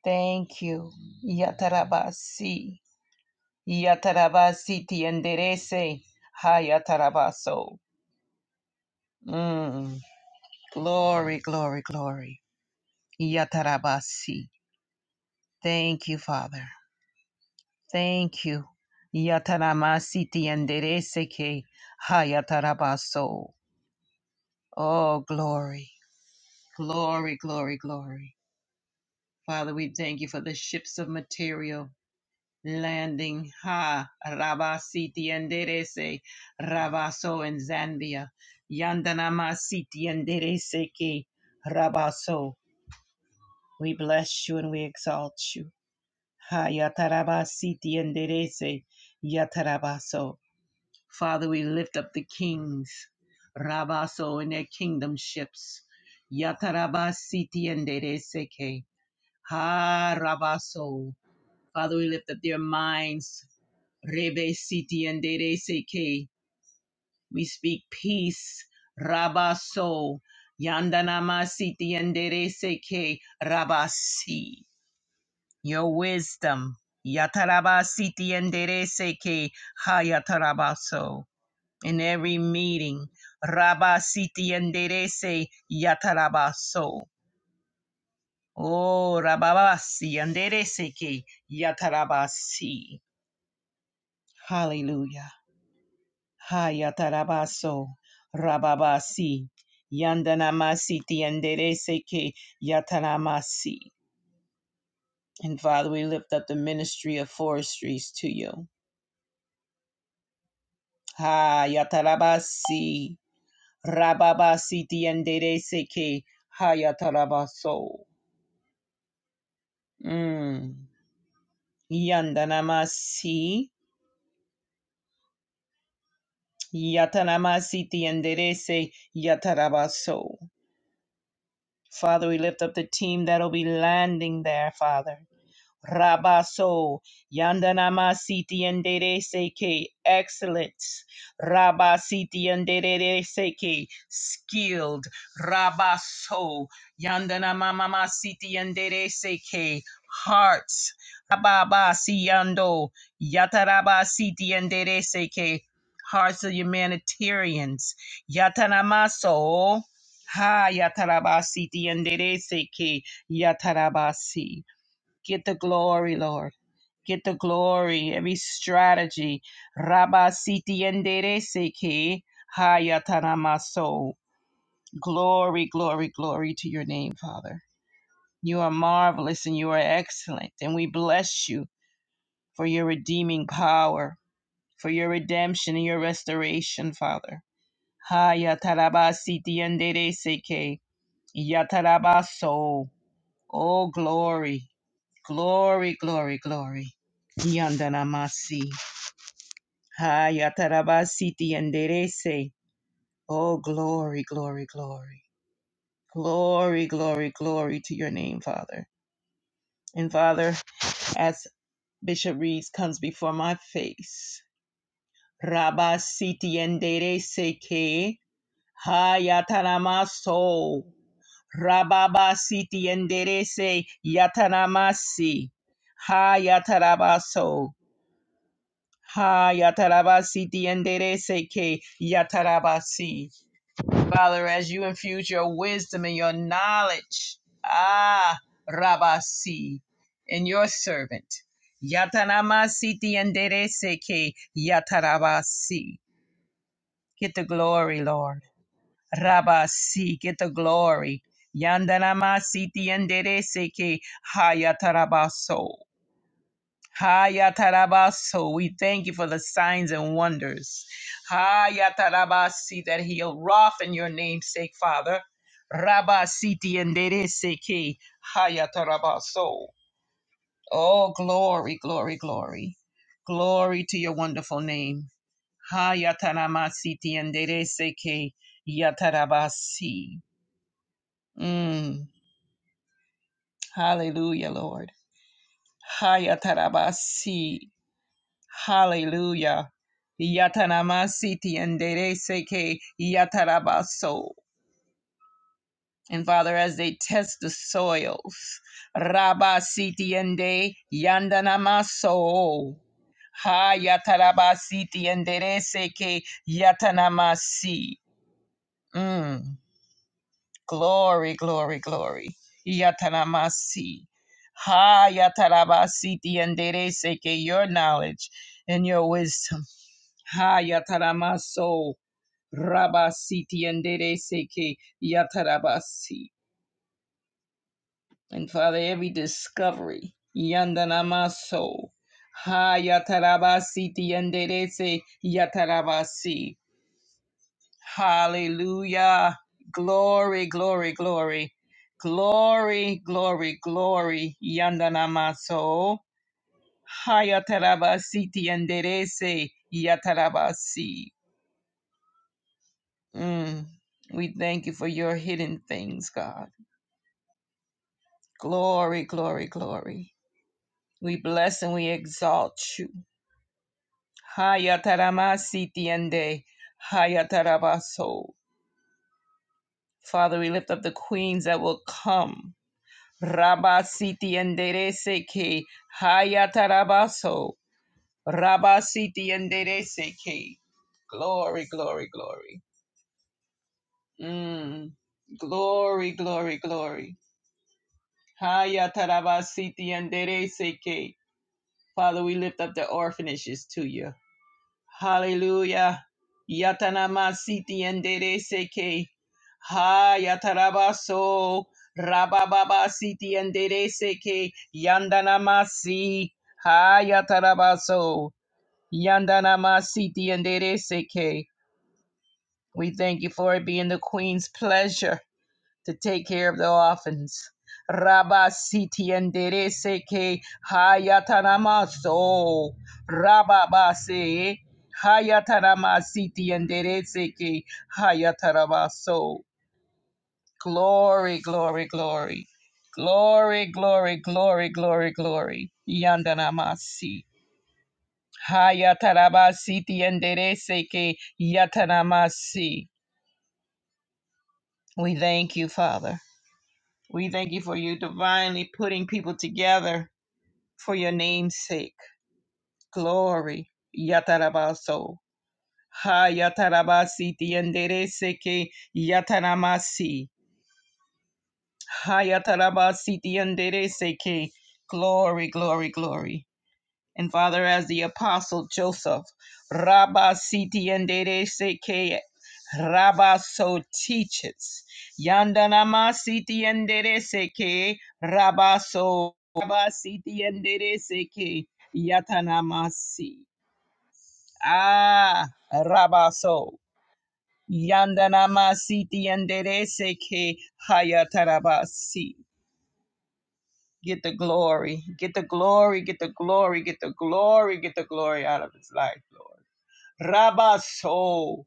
[SPEAKER 3] Thank you. Yatarabasi. Yatarabasiti enderece. Hayatarabaso. Mm. Glory, glory, glory. Yatarabasi. Thank you, Father. Thank you. Yataramasiti enderece que hayatarabaso. Oh, glory, glory, glory, glory. Father, we thank you for the ships of material landing ha rabasiti enderese rabaso in Zambia. Yandanama siti enderese ke rabaso. We bless you and we exalt you. Ha yatarabasiti enderese yatarabaso. Father, we lift up the kings, rabaso in their kingdom ships. Yatarabasiti enderese ke ha rabaso. Father, we lift up their minds. Rebe Siti and Dere Seke. We speak peace. Rabaso. Yandanama Siti and Dere Seke. Rabasi. Your wisdom. Yataraba Siti and Dere Seke. Hayatarabaso. In every meeting. Rabasiti and Dere Se. Yatarabaso. Oh, Rababasi and Dere Seke. Yatarabasi. Hallelujah. Hayatarabaso Rababasi Yandanamasi Tiendereseke Yataramasi. And Father, we lift up the ministry of forestries to you. Hayatarabasi Rababasi Tiendereseke Hayatarabaso. Mm. Yandanamasi Yatanamasi Tienderese Yatarabaso. Father, we lift up the team that'll be landing there, Father. Rabaso Yandanama Siti Yandere Seke excellence Rabasiti Yandere Seke skilled Rabaso Yandanama Mama Siti Yandere Seke hearts Rababa Siyando Yataraba Siti Yandere Seke hearts of humanitarians Yatanamaso Ha Yataraba Siti Yandere Seke Yatarabasi Get the glory, Lord. Get the glory. Every strategy. Rabba siti endere seke hayatanamaso. Glory, glory, glory to your name, Father. You are marvelous and you are excellent, and we bless you for your redeeming power, for your redemption and your restoration, Father. Hayatarabasiti endere seke yatarabaso. Oh, glory. Glory, glory, glory. Yandanamasi. Hayatarabasi tienderese. Oh, glory, glory, glory. Glory, glory, glory to your name, Father. And Father, as Bishop Reeves comes before my face, Rabasi tienderese ke. Hayataramaso. Rababasi tienderese. Yatanamasi. Hayatarabaso. Ha yatarabasi diendere seke yatarabasi. Father, as you infuse your wisdom and your knowledge, ah rabasi, in your servant. Yataramasi diendere seke yatarabasi. Get the glory, Lord. Rabasi, get the glory. Yandanamasi diendere seke ha yatarabaso. Hayatarabaso, we thank you for the signs and wonders. Hayatarabasi, that he'll wrath in your namesake, Father. Rabasiti endereseke, hayatarabaso. Oh, glory, glory, glory. Glory to your wonderful name. Hayataramasiti endereseke, yatarabasi. Mm, hallelujah, Lord. Hayatarabasi. Hallelujah. Yatanama siti and seke yatarabaso. And Father, as they test the soils, Rabba siti and De yandanamaso. Ha yataraba siti and seke yatanamasi. Mm. Glory, glory, glory. Yataramasi. Ha yatarabasi tienderese que your knowledge and your wisdom. Ha yataramaso rabasi tienderese que yatarabasi. And Father, every discovery, yandanamaso. Ha yatarabasi tienderese yatarabasi. Hallelujah. Glory, glory, glory. Glory, glory, glory. Yandanamaso. Hayatarabasi tienderese. Yatarabasi. Mm. We thank you for your hidden things, God. Glory, glory, glory. We bless and we exalt you. Hayataramasi tiende. Hayatarabaso. Father, we lift up the queens that will come. Rabasiti enderece que hayatarabaso. Rabasiti enderece que. Glory, glory, glory. Mm. Glory, glory, glory. Hayatarabasiti enderece que. Father, we lift up the orphanages to you. Hallelujah. Yatanama siti endere seke. Ha yatarabaso. Rabababa siti endere seke. Yandanamasi. Ha yatarabaso. Yandanama siti endere seke. We thank you for it being the Queen's pleasure to take care of the orphans. Rabba siti enderece que hayatanamaso. Rabba base hayatanama siti enderece que hayatanamaso. Glory, glory, glory. Glory, glory, glory, glory, glory. Yandanamasi. Hayatarabasiti enderece que yatanamasi. We thank you, Father. We thank you for you divinely putting people together for your name's sake. Glory. Yatarabaso. Ha yatarabasi tiendere seke yataramasi. Ha yatarabasi tiendere seke. Glory, glory, glory. and Father, as the Apostle Joseph, Rabba Siti and Dede Seke, Rabba so teaches, Yandanama Siti and Dede Seke, Rabba so, Rabba Siti and Dede Seke, Yatanamasi. Ah, Rabba so. Yandanama Siti and Dede Seke, Hayatarabasi. Get the glory, get the glory, get the glory, get the glory, get the glory out of his life, Lord. Rabaso.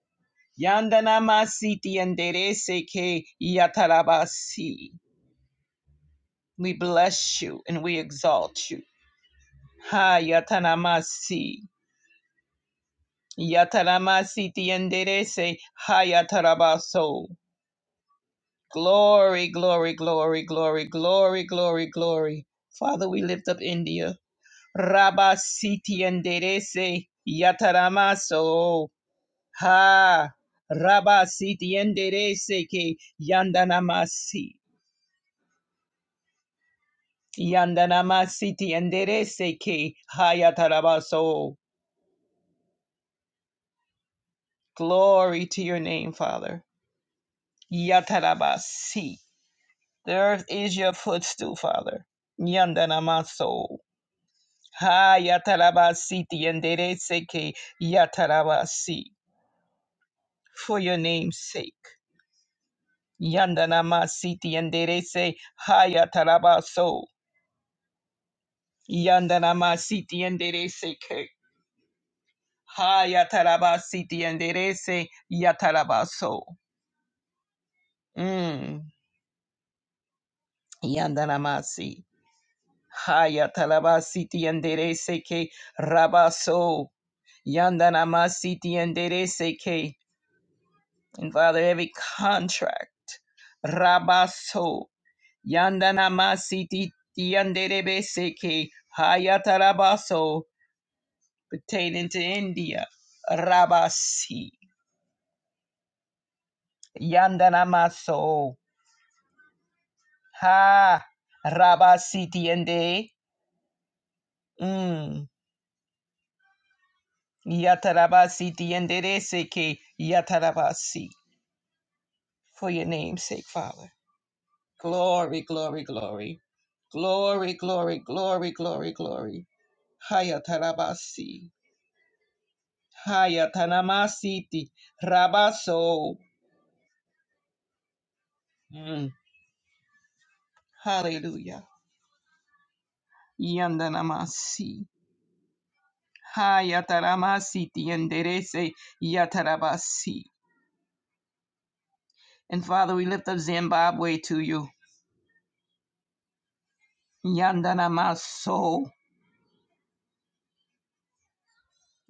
[SPEAKER 3] Yandanamasi tienderese ke yatarabasi. We bless you and we exalt you. Ha yatanamasi. Yataramasi tienderese ha yatarabaso. Glory, glory, glory, glory, glory, glory, glory. Father, we lift up India. Rabasi tienderese yataramaso. Ha Rabasi tienderese que yandanamasi. Yandanamasi tienderese que hayatarabaso. Glory to your name, Father. Yatarabasi. The earth is your footstool, Father. Yandanamaso. Hayatarabasi tienderese que yatarabasi. For your name's sake. Yandanamasi tienderese hayatarabaso. Yandanama siti enderece que hayataraba siti enderece yatarabaso. Mm. Yandanamasi. Hayataraba siti enderece que rabaso. Yandanama siti enderece que. And Father, every contract. Rabaso. Yandanama siti enderebese que hayatarabaso pertaining to India. Rabasi. Yandanamaso. Ha. Rabasitiende. Mm. Yatarabasitiende de seke. Yatarabasi. For your name's sake, Father. Glory, glory, glory. Glory, glory, glory, glory, glory. Hayatarabasi. Hayatanamasiti. Rabaso. Mm. Hallelujah. Yandanamasi. Hayataramasiti. tienderese Yatarabasi. And Father, we lift up Zimbabwe to you. Yandanamaso.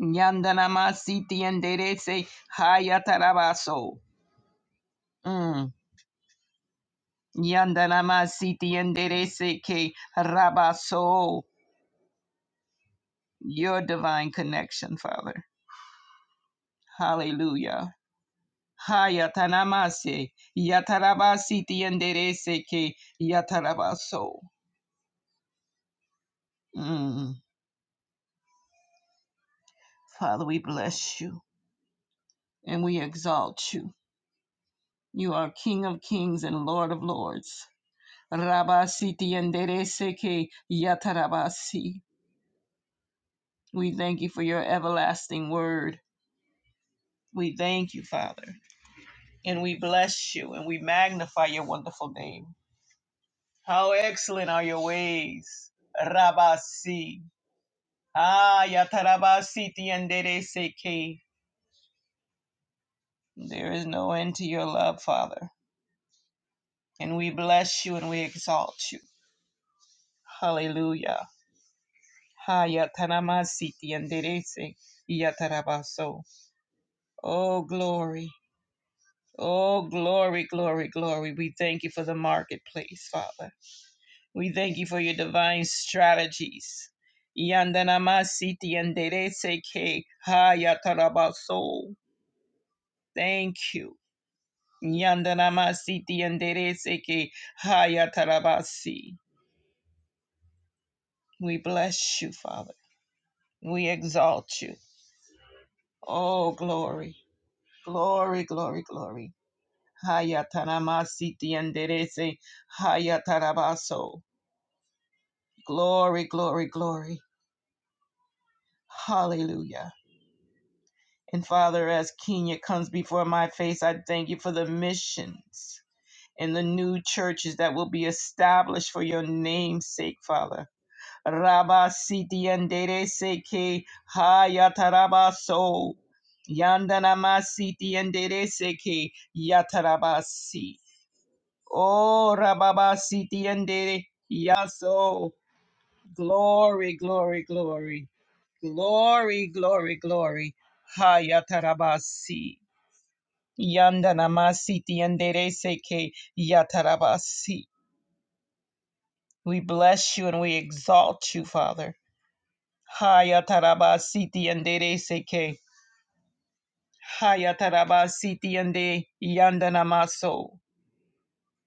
[SPEAKER 3] Yandanamasiti and Derese Hayatarabaso. Mm. Yandanamasiti and Derese Ke Rabaso. Your divine connection, Father. Hallelujah. Hayatanamase. Yatarabasiti and Derese Ke Yatarabaso. Mm. Father, we bless you and we exalt you. You are King of kings and Lord of lords. Rabasiti yendereseke yatarabasi. We thank you for your everlasting word. We thank you, Father, and we bless you and we magnify your wonderful name. How excellent are your ways, Rabasi. Ah, yatarabasiti yendereseke. There is no end to your love, Father, and we bless you and we exalt you. Hallelujah. Hayatanamasiti yanderese yatarabaso. Oh, glory. Oh, glory, glory, glory. We thank you for the marketplace, Father. We thank you for your divine strategies. Yandanamasiti yanderese ke hayatarabaso. Thank you. Yandanamasiti yanderese ke hayatarabasi. We bless you, Father. We exalt you. Oh, glory, glory, glory, glory. Hayatanamasiti enderece. Hayatarabaso. Glory, glory, glory. Hallelujah. And Father, as Kenya comes before my face, I thank you for the missions and the new churches that will be established for your name's sake, Father. Rabba siti enderece que hayatarabaso. Yandanama siti enderece que yatarabasi. Oh, Rababa Sitiende. Yaso. Glory, glory, glory. Glory, glory, glory. Hayatarabasi. Yandanamasi Tiendere Seke Yatarabasi. We bless you and we exalt you, Father. Hayatarabasi Tiendere Seke. Hayatarabasi Tiende Yandanamaso.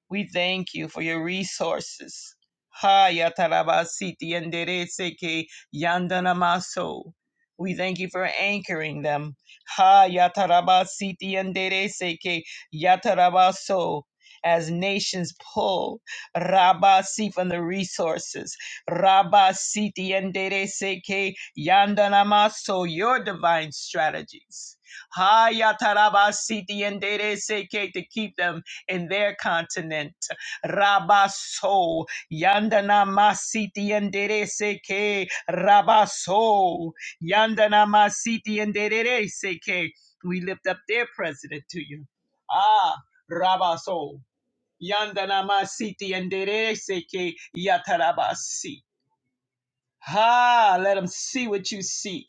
[SPEAKER 3] We thank you for your resources. Ha yatarabasiti yandereseke yandanamaso. We thank you for anchoring them. Ha yatarabasiti yandereseke yatarabaso. As nations pull Rabasi from the resources. Rabasiti yandereseke yandanamaso. Your divine strategies. Ha yatarabasiti yandereseke to keep them in their continent. Rabaso, Yandana Masiti Seke, Rabaso, Yandana Masiti Seke. We lift up their president to you. Ah, Rabaso, Yandana Masiti Seke, Yatarabasi. Ha, let them see what you see.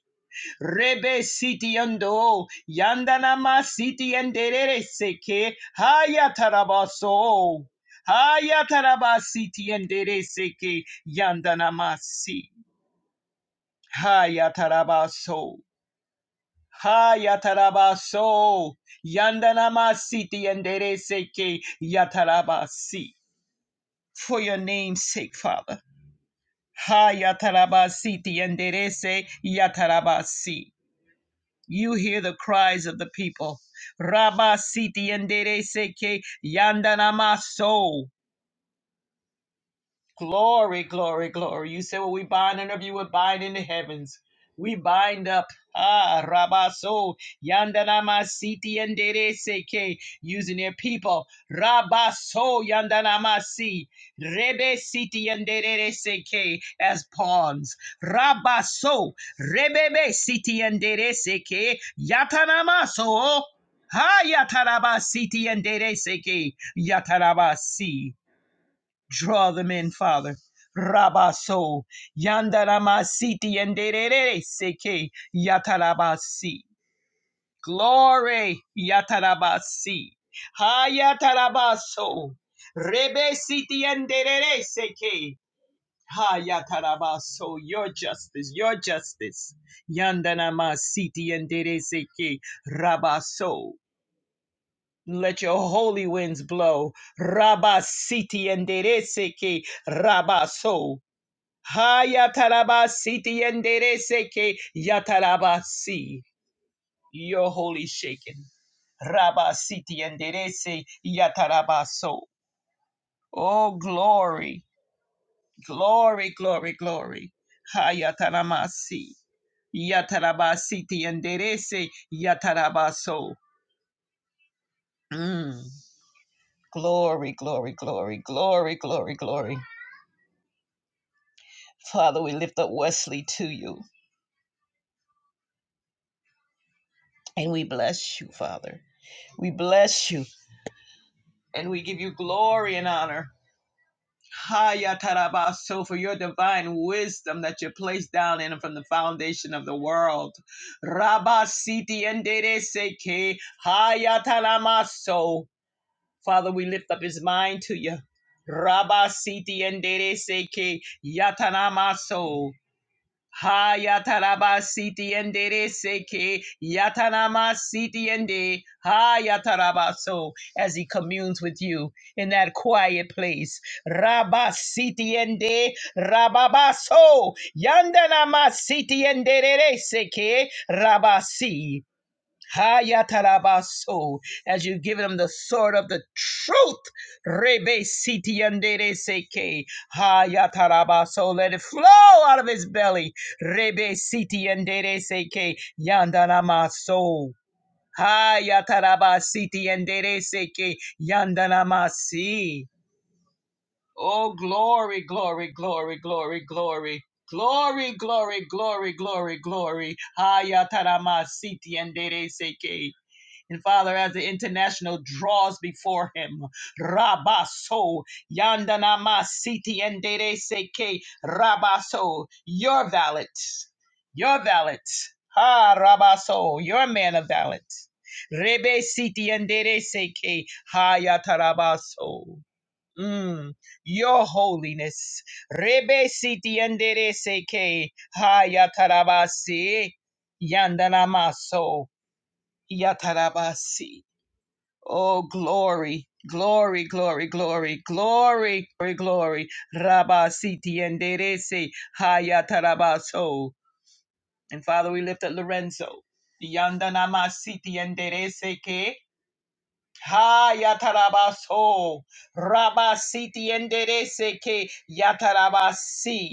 [SPEAKER 3] Rebe siti yando, yandanama siti yenderere seke, haya tarabaso. Haya tarabasi ti yendere seke, yandanamasi. Haya tarabaso. Haya tarabaso. Yandanamasi ti yendere seke, yatarabasi. For your name's sake, Father. Haya tarabasi ti yendere se, yatarabasi. You hear the cries of the people. Rabba siti endere seke yandanama so. Glory, glory, glory. You said, Well, we bind and of you would bind in the heavens. We bind up. Ah, Rabaso, Yandanama Siti and Dere Seke, using their people. Rabaso, Yandanama Si, Rebe Siti and Dere Seke as pawns. Rabaso, Rebebe Siti and Dere Seke, Yatanamaso. Ha Yataraba Siti and Dere Seke, Yataraba Si. Draw them in, Father. Rabaso, Yandaramasiti, and Derere Seke, Yatarabasi. Glory, Yatarabasi. Hayatarabaso, Rebe Siti, and Derere Seke. Hayatarabaso, your justice, your justice. Yandaramasiti, and Derere Seke, Rabaso. Let your holy winds blow. Rabasiti and Dereseke Rabaso. Hayatarabasi tiendereseke yatarabasi. Your holy shaken. Rabasi tienderese yatarabaso. Oh, glory, glory, glory, glory. Hayataramasi. Yatarabasi tienderese yatarabaso. Mm. Glory, glory, glory, glory, glory, glory. Father, we lift up Wesley to you and we bless you, Father. We bless you. and we give you glory and honor. Hayatarabaso for your divine wisdom that you placed down in from the foundation of the world. Rabasiti and Seke Hayatalamaso. Father, we lift up his mind to you. Rabasiti and Seke Yatanamaso. Ha yataraba siti endere seke yatanama siti ende ha yataraba so as he communes with you in that quiet place. Raba siti ende rababa so yandanama siti endere seke rabasi. Hayatarabaso, as you've given them the sword of the truth. Rebe siti andere seke. Hayatarabaso, let it flow out of his belly. Rebe siti andere seke. Yandanamaso. Hayatarabasiti andere seke. Yandanamasi. Oh, glory, glory, glory, glory, glory. Glory, glory, glory, glory, glory. Hayataramasiti andere seke. And Father, as the international draws before him, Rabaso, Yandanama Siti and Dere Seke, Rabaso, your valet, your valet, Ha Rabaso, your man of valet, Rebe Siti and Dere Seke, Ha Yatarabaso. Mm, your holiness. Rebe siti andere seke ha yatarabasi yandanamaso yatarabasi. Oh, glory, glory, glory, glory, glory, glory, glory. Rabba siti enderese hayatarabaso. And Father, we lift up Lorenzo. Yandanama siti enderese ke hayatarabaso. Rabba siti enderese ke yatarabasi.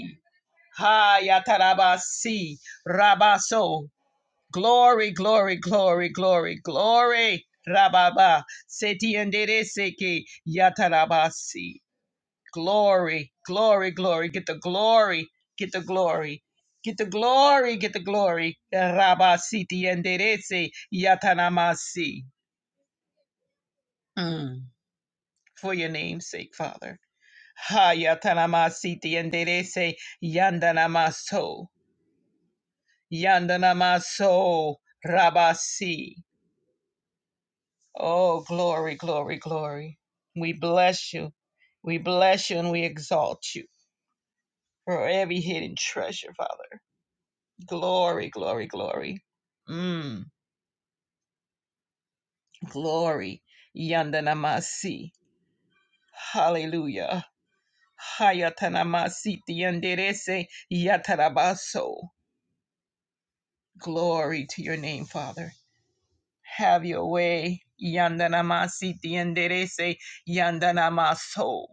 [SPEAKER 3] Hayatarabasi. Rabaso. Glory, glory, glory, glory, glory. Rababa, seti endereseke, yatarabasi. Glory, glory, glory. Get the glory, get the glory. Get the glory, get the glory. Rabasiti enderese, yatanamasi. Mm. For your name's sake, Father. Ha yatanamasiti enderese, yandanamaso. Yandanamaso, rabasi. Oh, glory, glory, glory. We bless you. We bless you and we exalt you for every hidden treasure, Father. Glory, glory, glory. Mm, glory. Yandanamasi. Hallelujah. Hayatanamasi tiyanderese yatarabaso. Glory to your name, Father. Have your way. Yandanamasi tiyanderese yandanamaso.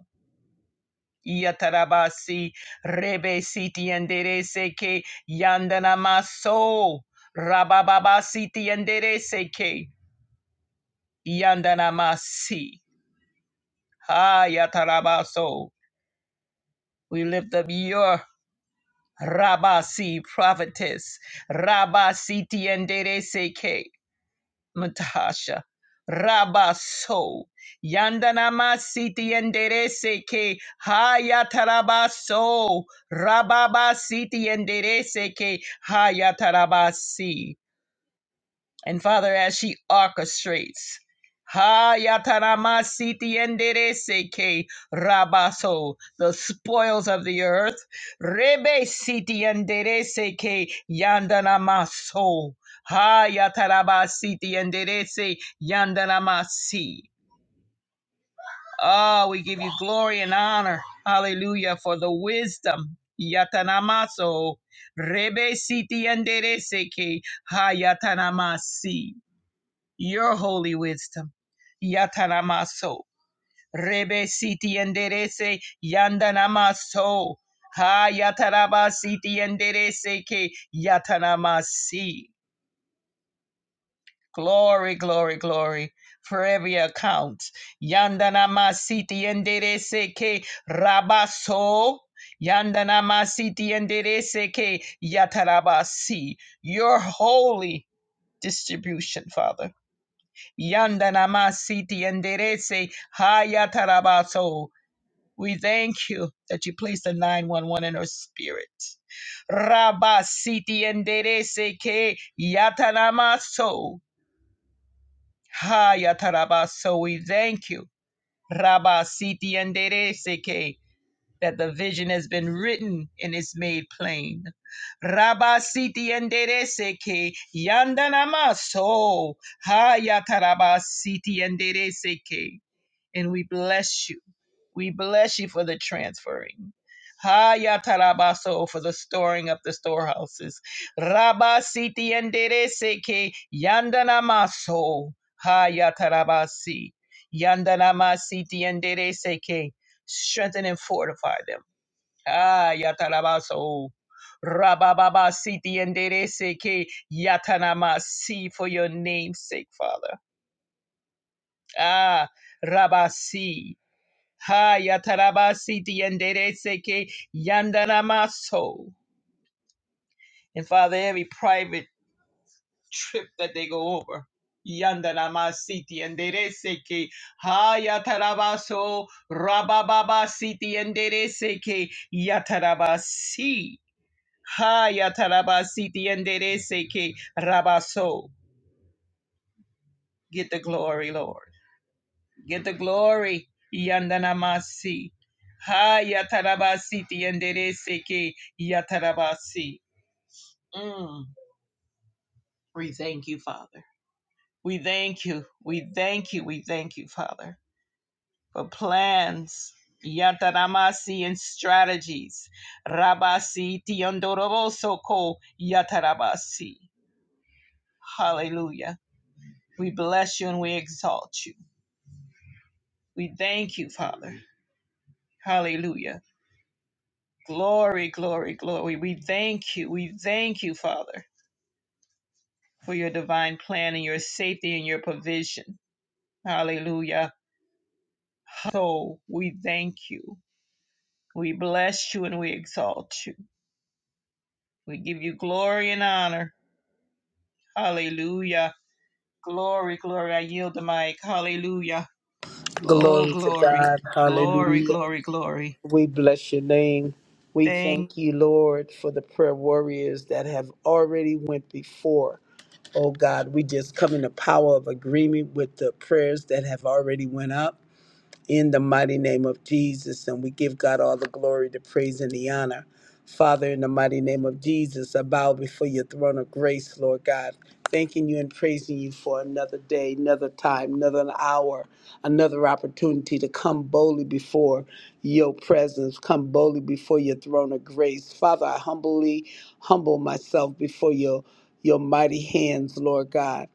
[SPEAKER 3] Yatarabasi Rebe Siti Yandere Seke yandanamaso. Maso Rabababa Siti Yandere Seke yandanamasi. Ha Yatarabaso. We lift up your Rabasi prophetess Rabasi Tiendere Seke Matasha. Rabaso. Yandanamasiti enderese ke hayatarabaso. Rababasiti enderese ke hayatarabasi. And Father, as she orchestrates, Ha yatarama siti endere seke rabaso, the spoils of the earth, rebe siti endere seke yandanamaso, ha yataraba siti endere se yandanamasi. Oh, we give you glory and honor, hallelujah, for the wisdom. Yatanamaso, rebe siti endere seke ha yatanamasi your holy wisdom. Yatanamaso. Rebe siti enderece yandanamaso. Ha yataraba siti enderece ke yatanamasi. Glory, glory, glory for every account. Yandanamasiti enderece ke rabaso. Yandanamasiti enderece ke yatarabasi. Your holy distribution, Father. Yandanamasiti Enderece Hayatarabaso. We thank you that you placed the 911 in her spirit. Rabasiti Enderece Ke Yatanamaso Hayatarabaso. We thank you. Rabasiti Enderece Ke. That the vision has been written and is made plain. Rabasiti enderece que yandanamaso. Hayatarabasiti enderece que and we bless you. We bless you for the transferring. Hayatarabaso for the storing up the storehouses. Rabba siti enderese ke yandanamaso. Hayatarabasi. Yandanamasiti enderese ke. Strengthen and fortify them. Hayatarabaso. Rabababa siti enderese ke yatanamasi for your name's sake, Father. Ah, rabasi. Ha yatarabasiti yandereseke yandanamaso. And Father, every private trip that they go over. Yandanamasiti yandereseke. Ha yatarabaso rabababasiti yandereseke yatarabasi. Ha yatarabasiti yandereseke rabaso. Get the glory, Lord. Get the glory. Yandanamasi. Ha yatarabasi tiendereseke yatarabasi. Mm. We thank you, Father. We thank you. We thank you. We thank you, Father, for plans. Yataramasi and strategies. Rabasi tiondoroboso ko yatarabasi. Hallelujah. We bless you and we exalt you. We thank you, Father. Hallelujah. Glory, glory, glory. We thank you. We thank you, Father, for your divine plan and your safety and your provision. Hallelujah. So we thank you. We bless you and we exalt you. We give you glory and honor. Hallelujah. Glory, glory. I yield the mic. Hallelujah. Oh,
[SPEAKER 2] Glory to
[SPEAKER 3] glory,
[SPEAKER 2] God.
[SPEAKER 3] glory,
[SPEAKER 2] Hallelujah.
[SPEAKER 3] glory, glory.
[SPEAKER 2] We bless your name. We
[SPEAKER 3] Thank
[SPEAKER 2] thank you, Lord, for the prayer warriors that have already went before. Oh God, we just come in the power of agreement with the prayers that have already went up. in the mighty name of Jesus. And we give God all the glory, the praise, and the honor. Father, in the mighty name of Jesus, I bow before your throne of grace, Lord God, thanking you and praising you for another day, another time, another hour, another opportunity to come boldly before your presence, come boldly before your throne of grace. Father, I humbly humble myself before your your mighty hands, Lord God.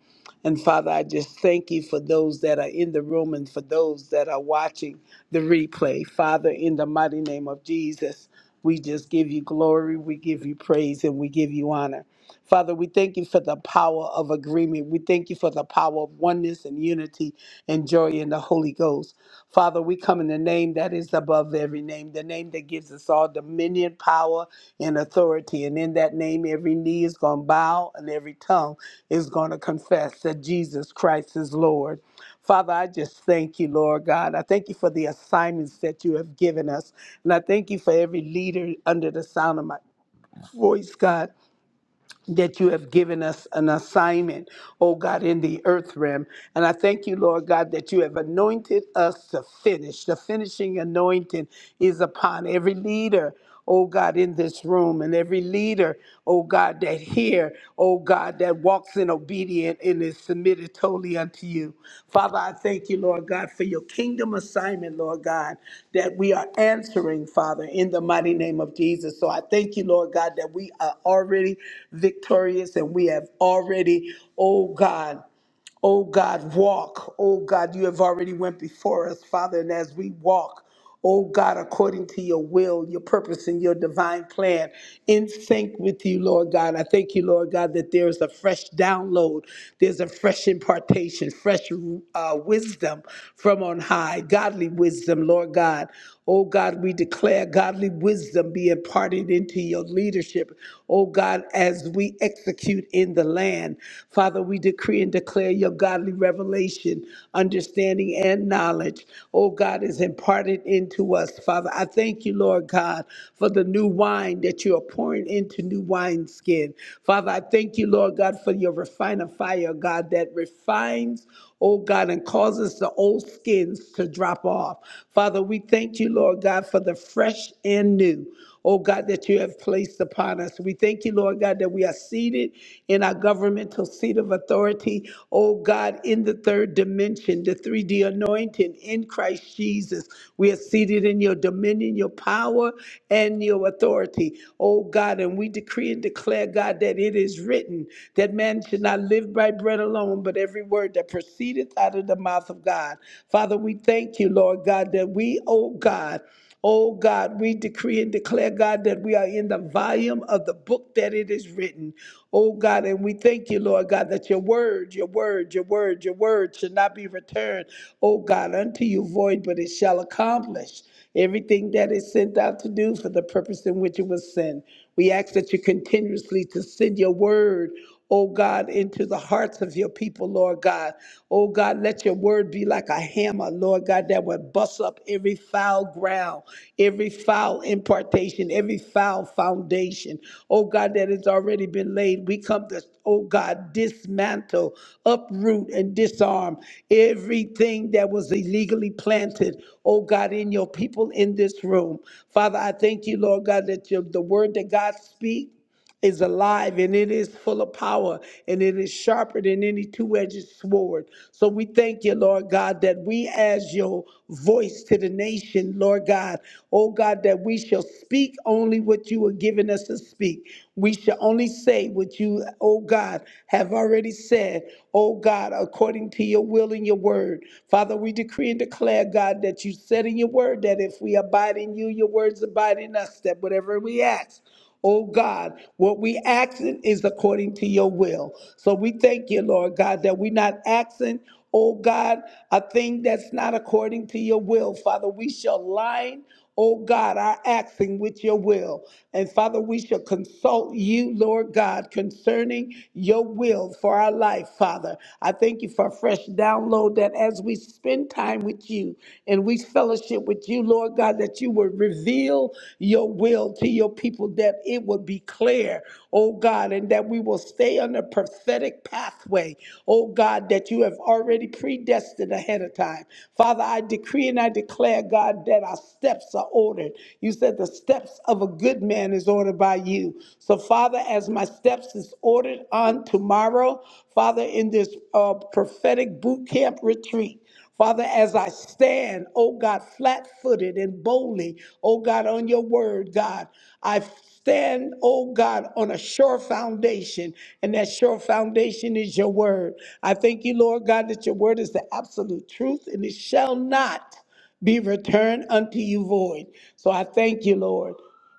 [SPEAKER 2] And Father, I just thank you for those that are in the room and for those that are watching the replay. Father, in the mighty name of Jesus, we just give you glory, we give you praise, and we give you honor. Father, we thank you for the power of agreement. We thank you for the power of oneness and unity and joy in the Holy Ghost. Father, we come in the name that is above every name, the name that gives us all dominion, power, and authority. And in that name, every knee is going to bow and every tongue is going to confess that Jesus Christ is Lord. Father, I just thank you, Lord God. I thank you for the assignments that you have given us. And I thank you for every leader under the sound of my voice, God that you have given us an assignment, oh God, in the earth realm. And I thank you, Lord God, that you have anointed us to finish. The finishing anointing is upon every leader. Oh God, in this room, and every leader, oh God, that here, oh God, that walks walks in obedience and is submitted totally unto you. Father, I thank you, Lord God, for your kingdom assignment, Lord God, that we are answering, Father, in the mighty name of Jesus. So I thank you, Lord God, that we are already victorious and we have already, oh God, Oh God, walk. Oh God, you have already went before us, Father, and as we walk, oh God, according to your will, your purpose, and your divine plan, in sync with you, Lord God. I thank you, Lord God, that there's a fresh download, there's a fresh impartation, fresh uh, wisdom from on high, godly wisdom, Lord God. Oh God, we declare godly wisdom be imparted into your leadership. Oh God, as we execute in the land. Father, we decree and declare your godly revelation, understanding, and knowledge, oh God, is imparted into us. Father, I thank you, Lord God, for the new wine that you are pouring into new wineskin. Father, I thank you, Lord God, for your refiner fire, God, that refines, oh God, and causes the old skins to drop off. Father, we thank you, Lord God, for the fresh and new oh God, that you have placed upon us. We thank you, Lord God, that we are seated in our governmental seat of authority, oh God, in the third dimension, the 3D anointing in Christ Jesus. We are seated in your dominion, your power, and your authority, oh God, and we decree and declare, God, that it is written that man should not live by bread alone, but every word that proceedeth out of the mouth of God. Father, we thank you, Lord God, that we, oh God, Oh God, we decree and declare, God, that we are in the volume of the book that it is written. Oh God, and we thank you, Lord God, that your word, your word, your word, your word should not be returned, oh God, unto you void, but it shall accomplish everything that is sent out to do for the purpose in which it was sent. We ask that you continuously to send your word, oh God, into the hearts of your people, Lord God. Oh God, let your word be like a hammer, Lord God, that would bust up every foul ground, every foul impartation, every foul foundation, oh God, that has already been laid. We come to, oh God, dismantle, uproot, and disarm everything that was illegally planted, oh God, in your people in this room. Father, I thank you, Lord God, that your, the word that God speaks is alive and it is full of power and it is sharper than any two-edged sword. So we thank you, Lord God, that we as your voice to the nation, Lord God, oh God, that we shall speak only what you are giving us to speak. We shall only say what you, oh God, have already said, oh God, according to your will and your word. Father, we decree and declare, God, that you said in your word that if we abide in you, your words abide in us, that whatever we ask. Oh God, what we asking is according to your will. So we thank you, Lord God, that we're not asking, oh God, a thing that's not according to your will. Father, we shall line, oh God, our acting with your will. And Father, we shall consult you, Lord God, concerning your will for our life, Father. I thank you for a fresh download that as we spend time with you and we fellowship with you, Lord God, that you will reveal reveal your will to your people that it would be clear, oh God, and that we will stay on the prophetic pathway, oh God, that you have already predestined ahead of time. Father, I decree and I declare, God, that our steps are ordered. You said the steps of a good man is ordered by you. So, Father, as my steps is ordered on tomorrow, Father, in this uh, prophetic boot camp retreat, Father, as I stand, oh God, flat footed and boldly, oh God, on your word, God, I stand, oh God, on a sure foundation, and that sure foundation is your word. I thank you, Lord God, that your word is the absolute truth and it shall not be returned unto you void. So I thank you, Lord,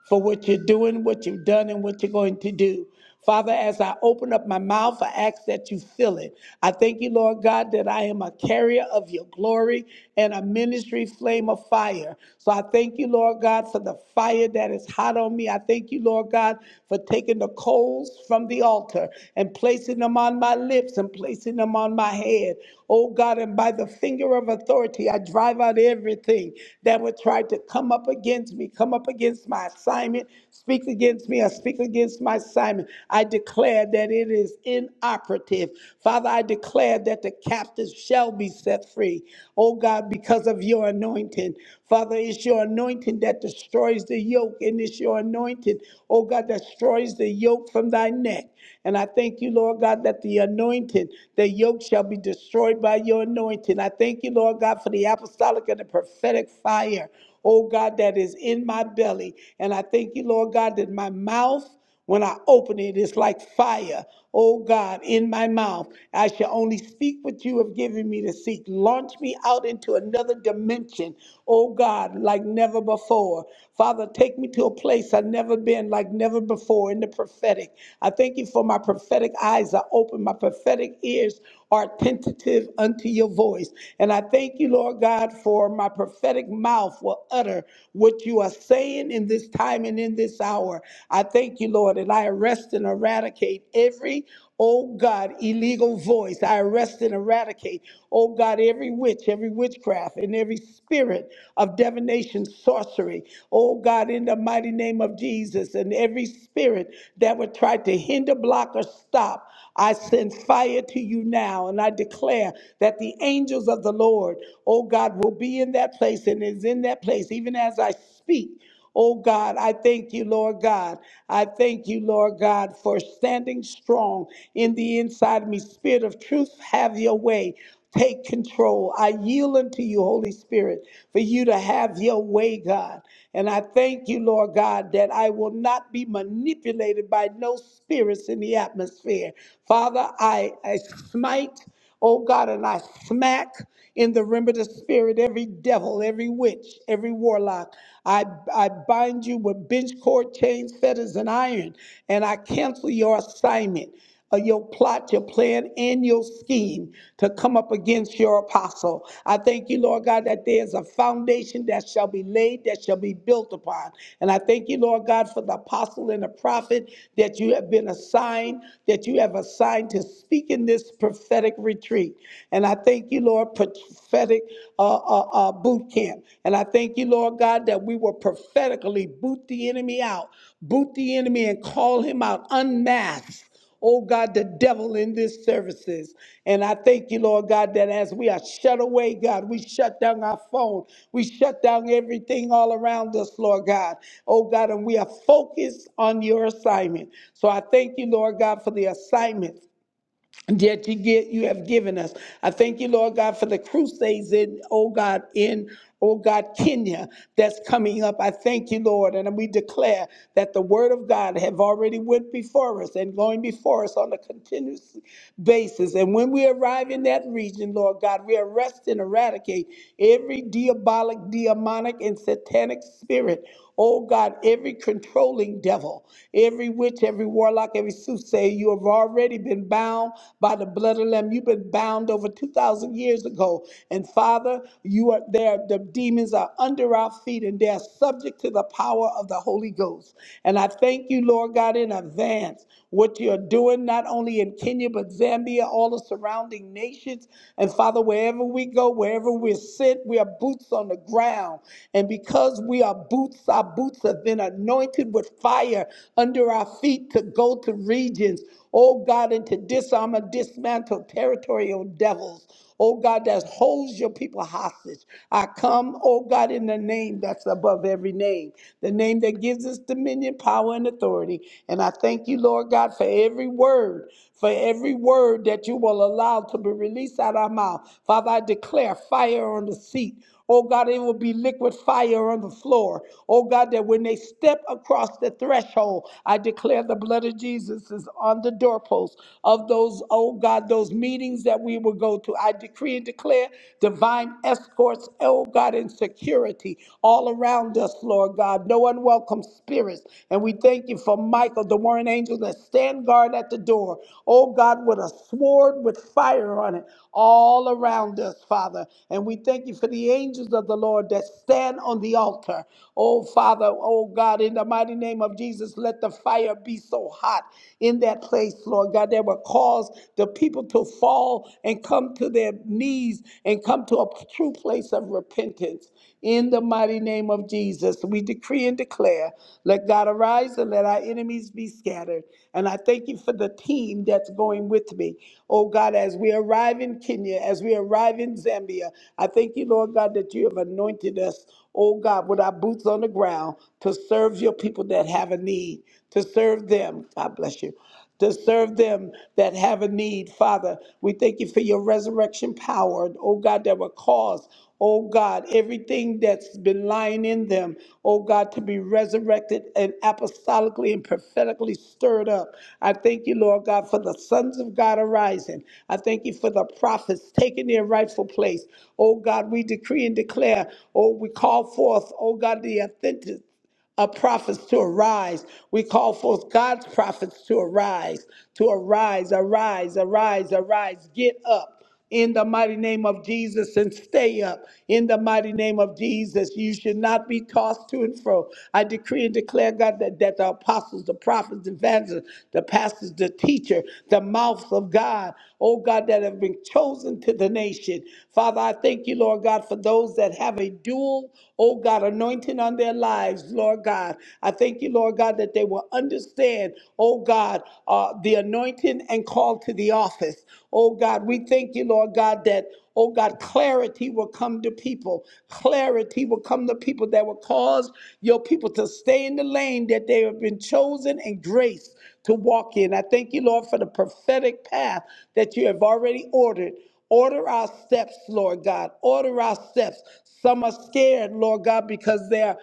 [SPEAKER 2] for what you're doing, what you've done, and what you're going to do. Father, as I open up my mouth, I ask that you fill it. I thank you, Lord God, that I am a carrier of your glory and a ministry flame of fire. So I thank you, Lord God, for the fire that is hot on me. I thank you, Lord God, for taking the coals from the altar and placing them on my lips and placing them on my head. Oh God, and by the finger of authority, poverty. I drive out everything that would try to come up against me, come up against my assignment, speak against me, or speak against my assignment. I declare that it is inoperative. Father, I declare that the captives shall be set free. Oh God, because of your anointing. Father, it's your anointing that destroys the yoke, and it's your anointing, oh God, that destroys the yoke from thy neck. And I thank you, Lord God, that the anointing, the yoke shall be destroyed by your anointing. I thank you thank you, Lord God, for the apostolic and the prophetic fire, oh God, that is in my belly. And I thank you, Lord God, that my mouth, when I open it, it's like fire, oh God, in my mouth. I shall only speak what you have given me to seek. Launch me out into another dimension, oh God, like never before. Father, take me to a place I've never been, like never before, in the prophetic. I thank you for my prophetic eyes are open, my prophetic ears are attentive unto your your voice. And I thank you, Lord God, for my prophetic mouth will utter what you are saying in this time and in this hour. I thank you, Lord, and I arrest and eradicate every Oh God, illegal voice, I arrest and eradicate. Oh God, every witch, every witchcraft, and every spirit of divination, sorcery. Oh God, in the mighty name of Jesus, and every spirit that would try to hinder, block, or stop. I send fire to you now, and I declare that the angels of the Lord, oh God, will be in that place and is in that place, even as I speak. Oh God, I thank you, Lord God. I thank you, Lord God, for standing strong in the inside of me. Spirit of truth, have your way. Take control. I yield unto you, Holy Spirit, for you to have your way, God. And I thank you, Lord God, that I will not be manipulated by no spirits in the atmosphere. Father, I, I smite, oh God, and I smack in the realm of the spirit, every devil, every witch, every warlock. I, I bind you with bench cord, chains, fetters, and iron, and I cancel your assignment, uh, your plot, your plan, and your scheme to come up against your apostle. I thank you, Lord God, that there is a foundation that shall be laid, that shall be built upon. And I thank you, Lord God, for the apostle and the prophet that you have been assigned, that you have assigned to speak in this prophetic retreat. And I thank you, Lord, prophetic uh, uh, uh, boot camp. And I thank you, Lord God, that we will prophetically boot the enemy out, boot the enemy and call him out, unmask oh God, the devil in these services. And I thank you, Lord God, that as we are shut away, God, we shut down our phone, we shut down everything all around us, Lord God, oh God, and we are focused on your assignment. So I thank you, Lord God, for the assignment that you get you have given us. I thank you, Lord God, for the crusades in, oh God, in oh God, Kenya that's coming up. I thank you, Lord, and we declare that the word of God have already went before us and going before us on a continuous basis. And when we arrive in that region, Lord God, we arrest and eradicate every diabolic, demonic, and satanic spirit. Oh God, every controlling devil, every witch, every warlock, every soothsayer, you have already already been bound by the blood of the Lamb. You've been bound over 2,000 years ago. And Father, you are there. The demons are under our feet and they are subject to the power of the Holy Ghost. And I thank you, Lord God, in advance what you're doing, not only in Kenya, but Zambia, all the surrounding nations. And Father, wherever we go, wherever we're sent, we are boots on the ground. And because we are boots, our boots have been anointed with fire under our feet to go to regions regions, oh God, and to disarm and dismantle territorial devils, oh God, that holds your people hostage. I come, oh God, in the name that's above every name, the name that gives us dominion, power, and authority. And I thank you, Lord God, for every word for every word that you will allow to be released out of our mouth. Father, I declare fire on the seat. Oh God, it will be liquid fire on the floor. Oh God, that when they step across the threshold, I declare the blood of Jesus is on the doorpost of those, oh God, those meetings that we will go to. I decree and declare divine escorts, oh God, and security all around us, Lord God. No unwanted unwelcome spirits. And we thank you for Michael, the warring angels that stand guard at the door. Oh God, with a sword with fire on it all around us, Father. And we thank you for the angels of the Lord that stand on the altar. Oh Father, oh God, in the mighty name of Jesus, let the fire be so hot in that place, Lord God, that will cause the people to fall and come to their knees and come to a true place of repentance. In the mighty name of Jesus, we decree and declare, let God arise and let our enemies be scattered. And I thank you for the team that's going with me. Oh God, as we arrive in Kenya, as we arrive in Zambia, I thank you, Lord God, that you have anointed us, oh God, with our boots on the ground to serve your people that have a need, to serve them. God bless you to serve them that have a need. Father, we thank you for your resurrection power, oh God, that will cause, Oh God, everything that's been lying in them, oh God, to be resurrected and apostolically and prophetically stirred up. I thank you, Lord God, for the sons of God arising. I thank you for the prophets taking their rightful place. Oh God, we decree and declare, oh, we call forth, oh God, the authentic uh, prophets to arise. We call forth God's prophets to arise, to arise, arise, arise, arise. Get up in the mighty name of Jesus and stay up in the mighty name of Jesus. You should not be tossed to and fro. I decree and declare, God, that, that the apostles, the prophets, the evangelists, the pastors, the teacher, the mouths of God oh God, that have been chosen to the nation. Father, I thank you, Lord God, for those that have a dual, oh God, anointing on their lives, Lord God. I thank you, Lord God, that they will understand, oh God, uh, the anointing and call to the office. Oh God, we thank you, Lord God, that, oh God, clarity will come to people. Clarity will come to people that will cause your people to stay in the lane that they have been chosen and graced to walk in. I thank you, Lord, for the prophetic path that you have already ordered. Order our steps, Lord God. Order our steps. Some are scared, Lord God, because they are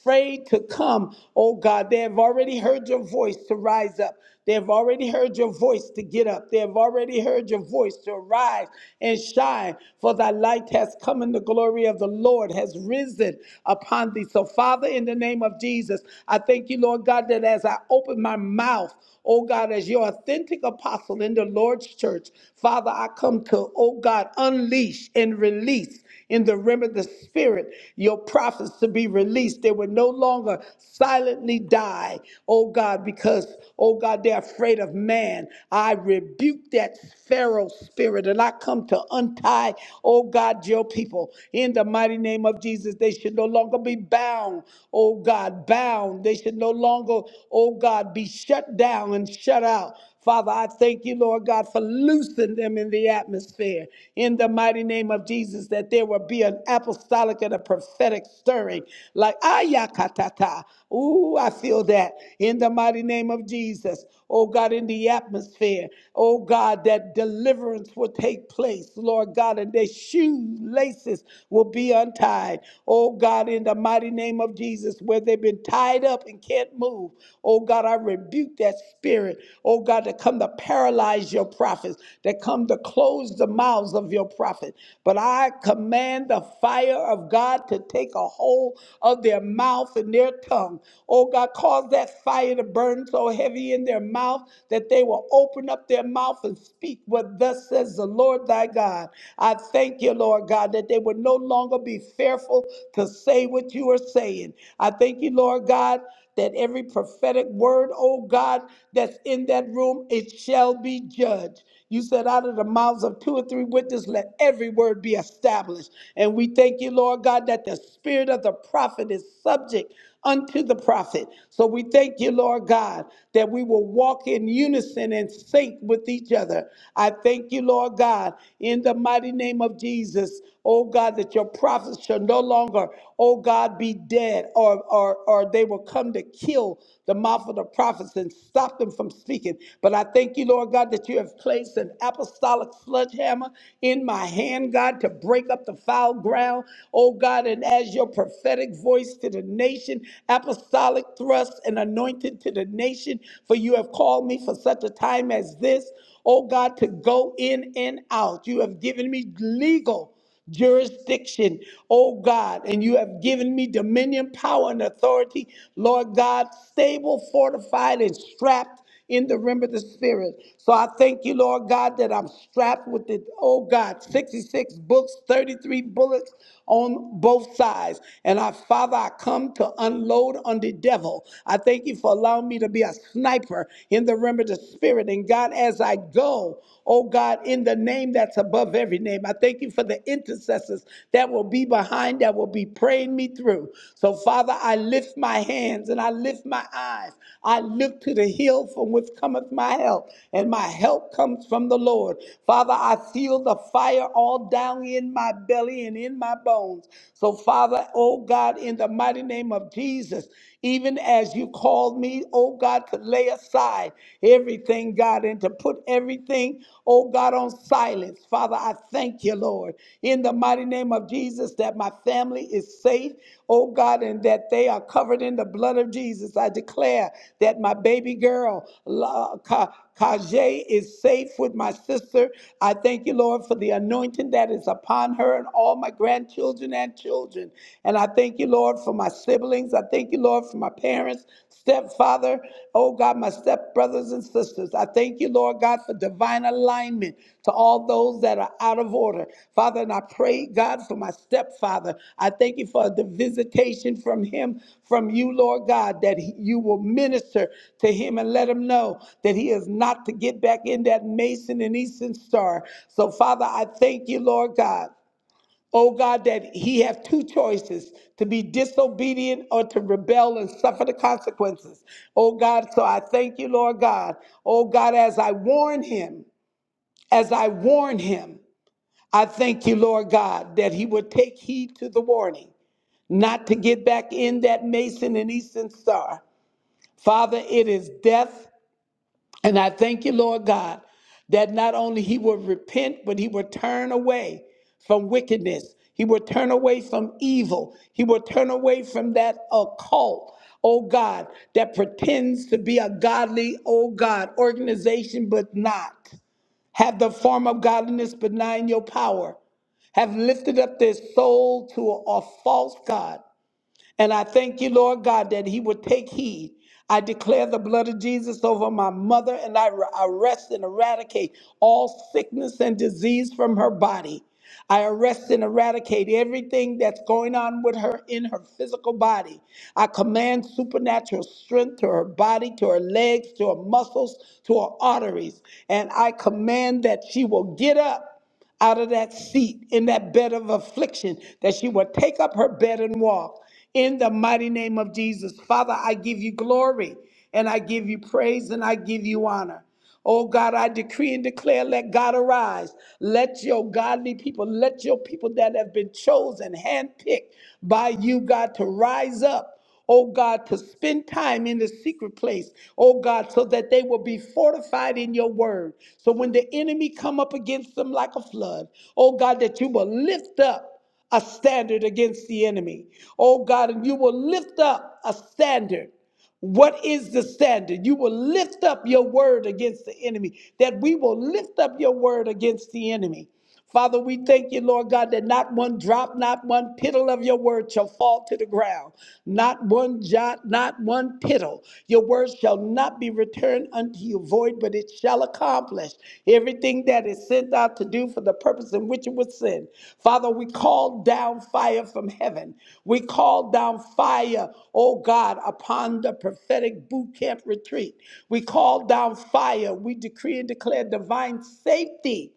[SPEAKER 2] afraid to come. Oh God, they have already heard your voice to rise up. They've already heard your voice to get up. They have already heard your voice to arise and shine, for thy light has come and the glory of the Lord has risen upon thee. So, Father, in the name of Jesus, I thank you, Lord God, that as I open my mouth, oh God, as your authentic apostle in the Lord's church, Father, I come to, oh God, unleash and release in the realm of the spirit your prophets to be released. They will no longer silently die, oh God, because because, oh God, they're afraid of man. I rebuke that Pharaoh spirit and I come to untie, oh God, your people. In the mighty name of Jesus, they should no longer be bound, oh God, bound. They should no longer, oh God, be shut down and shut out. Father, I thank you, Lord God, for loosing them in the atmosphere. In the mighty name of Jesus, that there will be an apostolic and a prophetic stirring. Like, ayakatata. Ooh, I feel that. In the mighty name of Jesus, oh God, in the atmosphere, oh God, that deliverance will take place, Lord God, and their shoelaces will be untied. Oh God, in the mighty name of Jesus, where they've been tied up and can't move move. Oh God, I rebuke that spirit. Oh God, that come to paralyze your prophets, that come to close the mouths of your prophet. But I command the fire of God to take a hold of their mouth and their tongue. Oh God, cause that fire to burn so heavy in their mouth that they will open up their mouth and speak what thus says the Lord thy God. I thank you, Lord God, that they will no longer be fearful to say what you are saying. I thank you, Lord God that every prophetic word, oh God, that's in that room, it shall be judged. You said, out of the mouths of two or three witnesses, let every word be established. And we thank you, Lord God, that the spirit of the prophet is subject unto the prophet. So we thank you, Lord God, that we will walk in unison and sync with each other. I thank you, Lord God, in the mighty name of Jesus, oh God, that your prophets shall no longer longer, oh God, be dead, or, or, or they will come to kill the mouth of the prophets and stop them from speaking. But I thank you, Lord God, that you have placed an apostolic sledgehammer in my hand, God, to break up the foul ground, oh God, and as your prophetic voice to the nation, apostolic thrust and anointed to the nation, for you have called me for such a time as this, oh God, to go in and out. You have given me legal jurisdiction, oh God, and you have given me dominion, power, and authority, Lord God, stable, fortified, and strapped in the rim of the spirit. So I thank you, Lord God, that I'm strapped with it, oh God, 66 books, 33 bullets on both sides. And I, Father, I come to unload on the devil. I thank you for allowing me to be a sniper in the rim of the spirit. And God, as I go, flow, oh God, in the name that's above every name. I thank you for the intercessors that will be behind, that will be praying me through. So, Father, I lift my hands and I lift my eyes. I look to the hill from which cometh my help, and my help comes from the Lord. Father, I feel the fire all down in my belly and in my bones. So, Father, oh God, in the mighty name of Jesus, even as you called me, oh God, to lay aside everything, God, and to put everything, oh God, on silence. Father, I thank you, Lord, in the mighty name of Jesus, that my family is safe, oh God, and that they are covered in the blood of Jesus. I declare that my baby girl, La- Ka- Kajay is safe with my sister. I thank you, Lord, for the anointing that is upon her and all my grandchildren and children. And I thank you, Lord, for my siblings. I thank you, Lord, for my parents, stepfather, oh God, my stepbrothers and sisters. I thank you, Lord God, for divine alignment to all those that are out of order. Father, and I pray, God, for my stepfather. I thank you for the visitation from him, from you, Lord God, that he- you will minister to him and let him know that he is not to get back in that Mason and Eastern star. So, Father, I thank you, Lord God. O God, that he have two choices to be disobedient or to rebel and suffer the consequences. O God, so I thank you, Lord God. O God, as I warn him, as I warn him, I thank you, Lord God, that he will take heed to the warning not to get back in that mason and eastern star. Father, it is death. And I thank you, Lord God, that not only he will repent, but he will turn away from wickedness. He will turn away from evil. He will turn away from that occult, oh God, that pretends to be a godly, oh God, organization, but not. Have the form of godliness, but not in your power. Have lifted up their soul to a, a false God and I thank you, Lord God, that he would take heed. I declare the blood of Jesus over my mother, and I arrest and eradicate all sickness and disease from her body. I arrest and eradicate everything that's going on with her in her physical body. I command supernatural strength to her body, to her legs, to her muscles, to her arteries. And I command that she will get up out of that seat in that bed of affliction, that she would take up her bed and walk. In the mighty name of Jesus, Father, I give you glory and I give you praise and I give you honor. Oh God, I decree and declare, let God arise. Let your godly people, let your people that have been chosen, handpicked by you, God, to rise up oh God, to spend time in the secret place, oh God, so that they will be fortified in your word. So when the enemy come up against them like a flood, oh God, that you will lift up a standard against the enemy. Oh God, and you will lift up a standard. What is the standard? You will lift up your word against the enemy, that we will lift up your word against the enemy. Father, we thank you, Lord God, that not one drop, not one tittle of your word shall fall to the ground, not one jot, not one tittle. Your word shall not be returned unto you void, but it shall accomplish everything that is sent out to do for the purpose in which it was sent. Father, we call down fire from heaven. We call down fire, oh God, upon the prophetic boot camp retreat. We call down fire. We decree and declare divine safety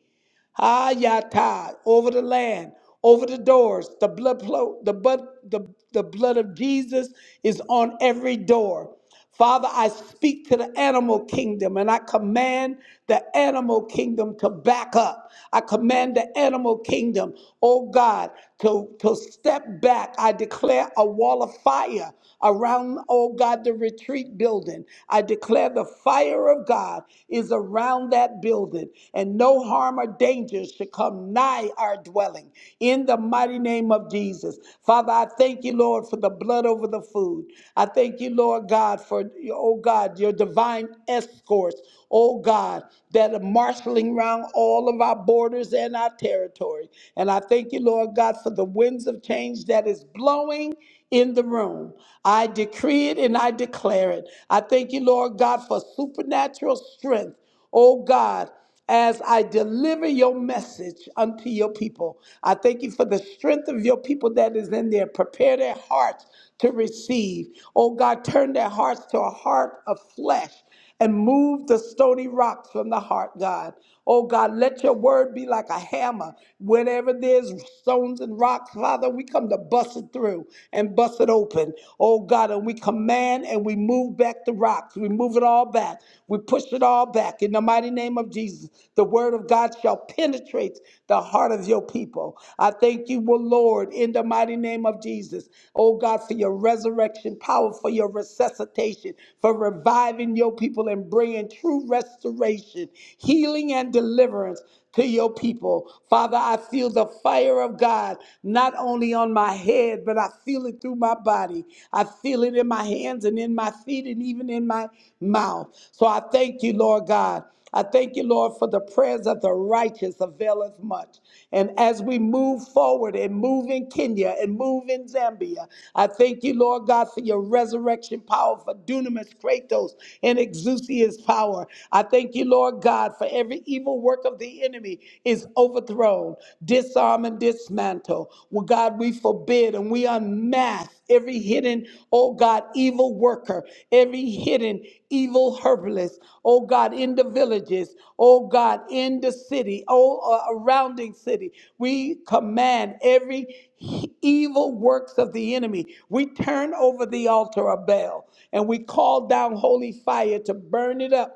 [SPEAKER 2] Hayatah, over the land, over the doors. The blood, plo- the, blood, the, the blood of Jesus is on every door. Father, I speak to the animal kingdom and I command the animal kingdom to back up. I command the animal kingdom, oh God, to, to step back. I declare a wall of fire around, oh God, the retreat building. I declare declare the fire of God is around that building, and no harm or danger should come nigh our dwelling. In the mighty name of Jesus. Father, I thank you, Lord, for the blood over the food. I thank you, Lord God, for, oh God, your divine escorts, oh God, that are marshaling around all of our borders and our territory. And I thank you, Lord God, for the winds of change that is blowing in the room. I decree it and I declare it. I thank you, Lord God, for supernatural strength. Oh God, as I deliver your message unto your people, I thank you for the strength of your people that is in there. Prepare their hearts to receive. Oh God, turn their hearts to a heart of flesh and move the stony rocks from the heart, God. Oh God, let your word be like a hammer. Whenever there's stones and rocks, Father, we come to bust it through and bust it open. Oh God, and we command and we move back the rocks. We move it all back. We push it all back. In the mighty name of Jesus, the word of God shall penetrate the heart of your people. I thank you, oh Lord, in the mighty name of Jesus. Oh God, for your resurrection power, for your resuscitation, for reviving your people and bringing true restoration, healing, and deliverance to your people. Father, I feel the fire of God not only on my head, but I feel it through my body. I feel it in my hands and in my feet and even in my mouth. So I thank you, Lord God. I thank you, Lord, for the prayers of the righteous availeth much. And as we move forward and move in Kenya and move in Zambia, I thank you, Lord God, for your resurrection power, for dunamis, kratos, and exousia's power. I thank you, Lord God, for every evil work of the enemy is overthrown, disarm, and dismantle. Well, God, we forbid and we unmask every hidden, oh God, evil worker, every hidden evil herbalist, oh God, in the villages, oh God, in the city, oh uh, surrounding city. We command every he- evil works of the enemy. We turn over the altar of Baal and we call down holy fire to burn it up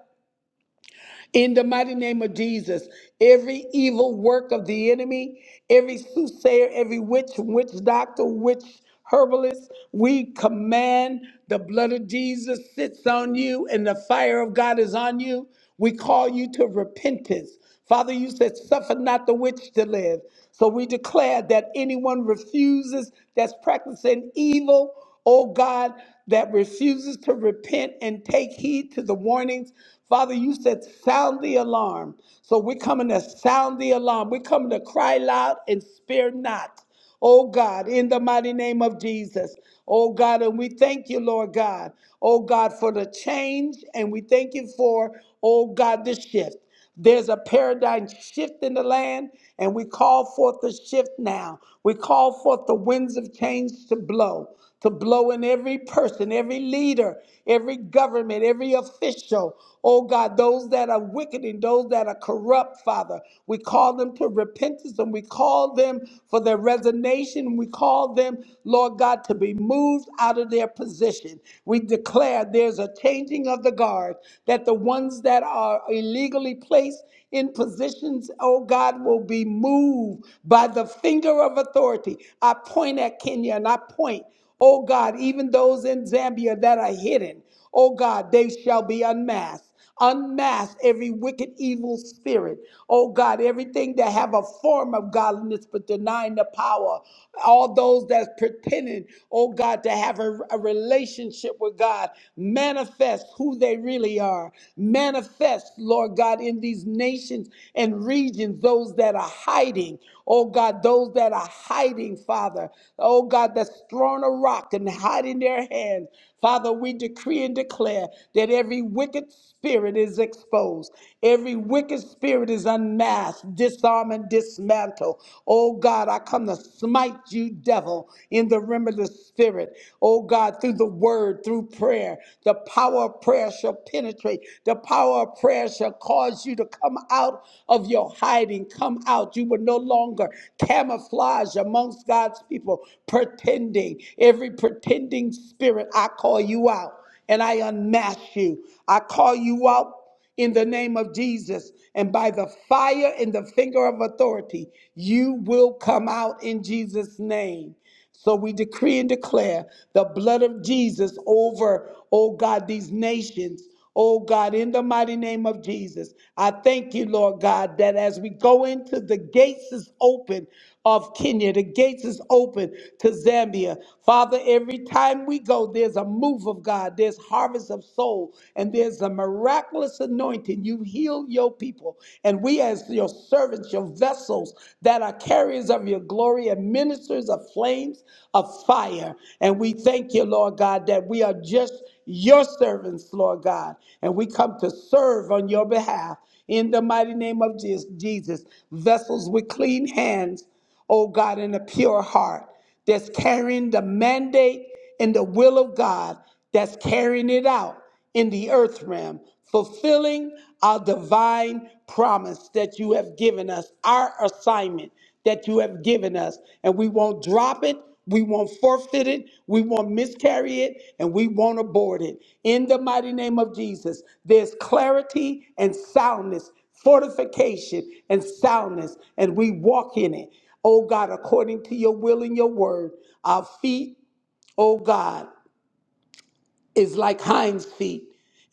[SPEAKER 2] in the mighty name of Jesus, every evil work of the enemy, every soothsayer, every witch, witch doctor, witch herbalist, we command the blood of Jesus sits on you and the fire of God is on you. We call you to repentance. Father, you said, suffer not the witch to live. So we declare that anyone refuses that's practicing evil, oh God, that refuses to repent and take heed to the warnings. Father, you said, sound the alarm. So we're coming to sound the alarm. We're coming to cry loud and spare not. Oh God, in the mighty name of Jesus. Oh God, and we thank you, Lord God. Oh God, for the change, and we thank you for, oh God, the shift. There's a paradigm shift in the land, and we call forth the shift now. We call forth the winds of change to blow, to blow in every person, every leader, every government, every official. Oh God, those that are wicked and those that are corrupt, Father. We call them to repentance and we call them for their resignation. We call them, Lord God, to be moved out of their position. We declare there's a changing of of the guard, that the ones that are illegally placed in positions, oh God, will be moved by the finger of authority. I point at Kenya and I point, oh God, even those in Zambia that are hidden, oh God, they shall be unmasked. Unmask every wicked evil spirit. Oh God, everything that have a form of godliness but denying the power. All those that's pretending, oh God, to have a, a relationship with God. Manifest who they really are. Manifest, Lord God, in these nations and regions, those that are hiding. Oh God, those that are hiding, Father. Oh God, that's throwing a rock and hiding their hands. Father, we decree and declare that every wicked spirit is exposed. Every wicked spirit is unmasked, disarm and dismantle. Oh God, I come to smite you, devil, in the realm of the spirit. Oh God, through the word, through prayer, the power of prayer shall penetrate. The power power of prayer shall cause you to come out of your hiding. Come out. You will no longer camouflage amongst God's people, pretending. Every pretending spirit, I call you out and I unmask you. I call you out in the name of Jesus and by the fire and the finger of authority, you will come out in Jesus' name. So we decree and declare the blood of Jesus over, oh God, these nations. Oh God, in the mighty name of Jesus, I thank you, Lord God, that as we go into the gates is open of Kenya. The gates is open to Zambia. Father, every time we go, there's a move of God, there's harvest of soul, and there's a miraculous anointing. You heal your people. And we, as your servants, your vessels that are carriers of your glory and ministers of flames of fire. And we thank you, Lord God, that we are just your servants, Lord God, and we come to serve on your behalf in the mighty name of Je- Jesus. Vessels with clean hands, oh God, and a pure heart that's carrying the mandate and the will of God, that's carrying it out in the earth realm, fulfilling our divine promise that you have given us, our assignment that you have given us. And we won't drop it, we won't forfeit it, we won't miscarry it, and we won't abort it. In the mighty name of Jesus, there's clarity and soundness, fortification and soundness, and we walk in it. Oh God, according to your will and your word, our feet, oh God is like hinds feet,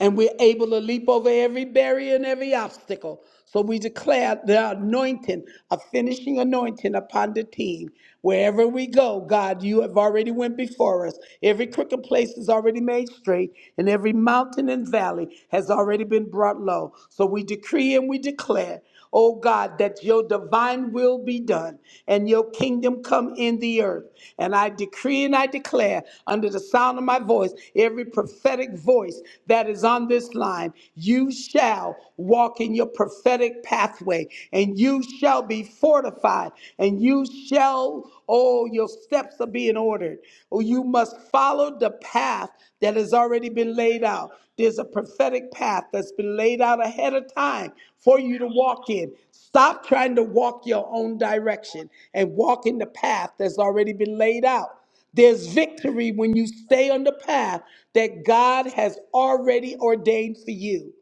[SPEAKER 2] and we're able to leap over every barrier and every obstacle. So we declare the anointing, a finishing anointing upon the team. Wherever we go, God, you have already went before us. Every crooked place is already made straight, and every mountain and valley has already been brought low. So we decree and we declare Oh God, that your divine will be done and your kingdom come in the earth. And I decree and I declare under the sound of my voice, every prophetic voice that is on this line, you shall walk in your prophetic pathway and you shall be fortified and you shall, oh, your steps are being ordered spirit. Or you must follow the path that has already been laid out. There's a prophetic path that's been laid out ahead of time for you to walk in. Stop trying to walk your own direction and walk in the path that's already been laid out. There's victory when you stay on the path that God has already ordained for you.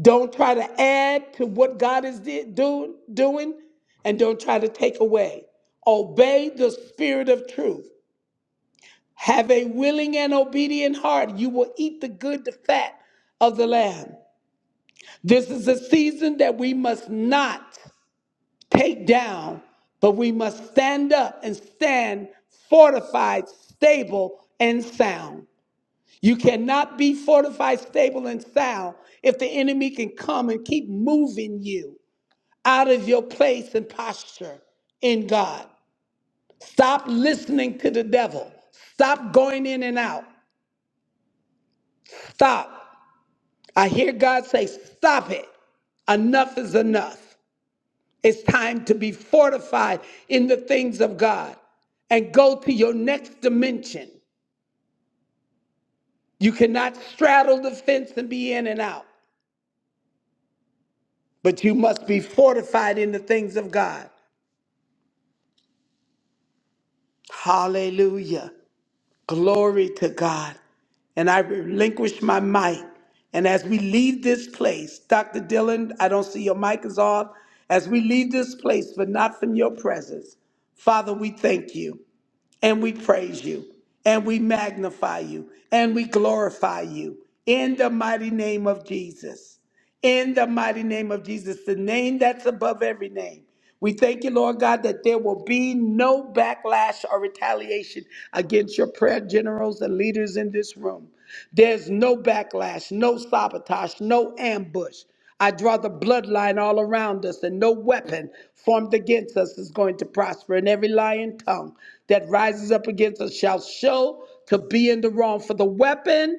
[SPEAKER 2] Don't try to add to what God is di- do- doing, and don't try to take away. Obey the spirit of truth. Have a willing and obedient heart. You will eat the good, the fat of the land. This is a season that we must not take down, but we must stand up and stand fortified, stable, and sound. You cannot be fortified, stable, and sound if the enemy can come and keep moving you out of your place and posture in God. Stop listening to the devil. Stop going in and out. Stop. I hear God say, Stop it. Enough is enough. It's time to be fortified in the things of God and go to your next dimension. You cannot straddle the fence and be in and out, but you must be fortified in the things of God. Hallelujah. Glory to God. And I relinquish my mic. And as we leave this place, Dr. Dillon, I don't see your mic is off. As we leave this place, but not from your presence, Father, we thank you and we praise you and we magnify you and we glorify you in the mighty name of Jesus. In the mighty name of Jesus, the name that's above every name. We thank you, Lord God, that there will be no backlash or retaliation against your prayer generals and leaders in this room. There's no backlash, no sabotage, no ambush. I draw the bloodline all around us, and no weapon formed against us is going to prosper. And every lying tongue that rises up against us shall show to be in the wrong. For the weapon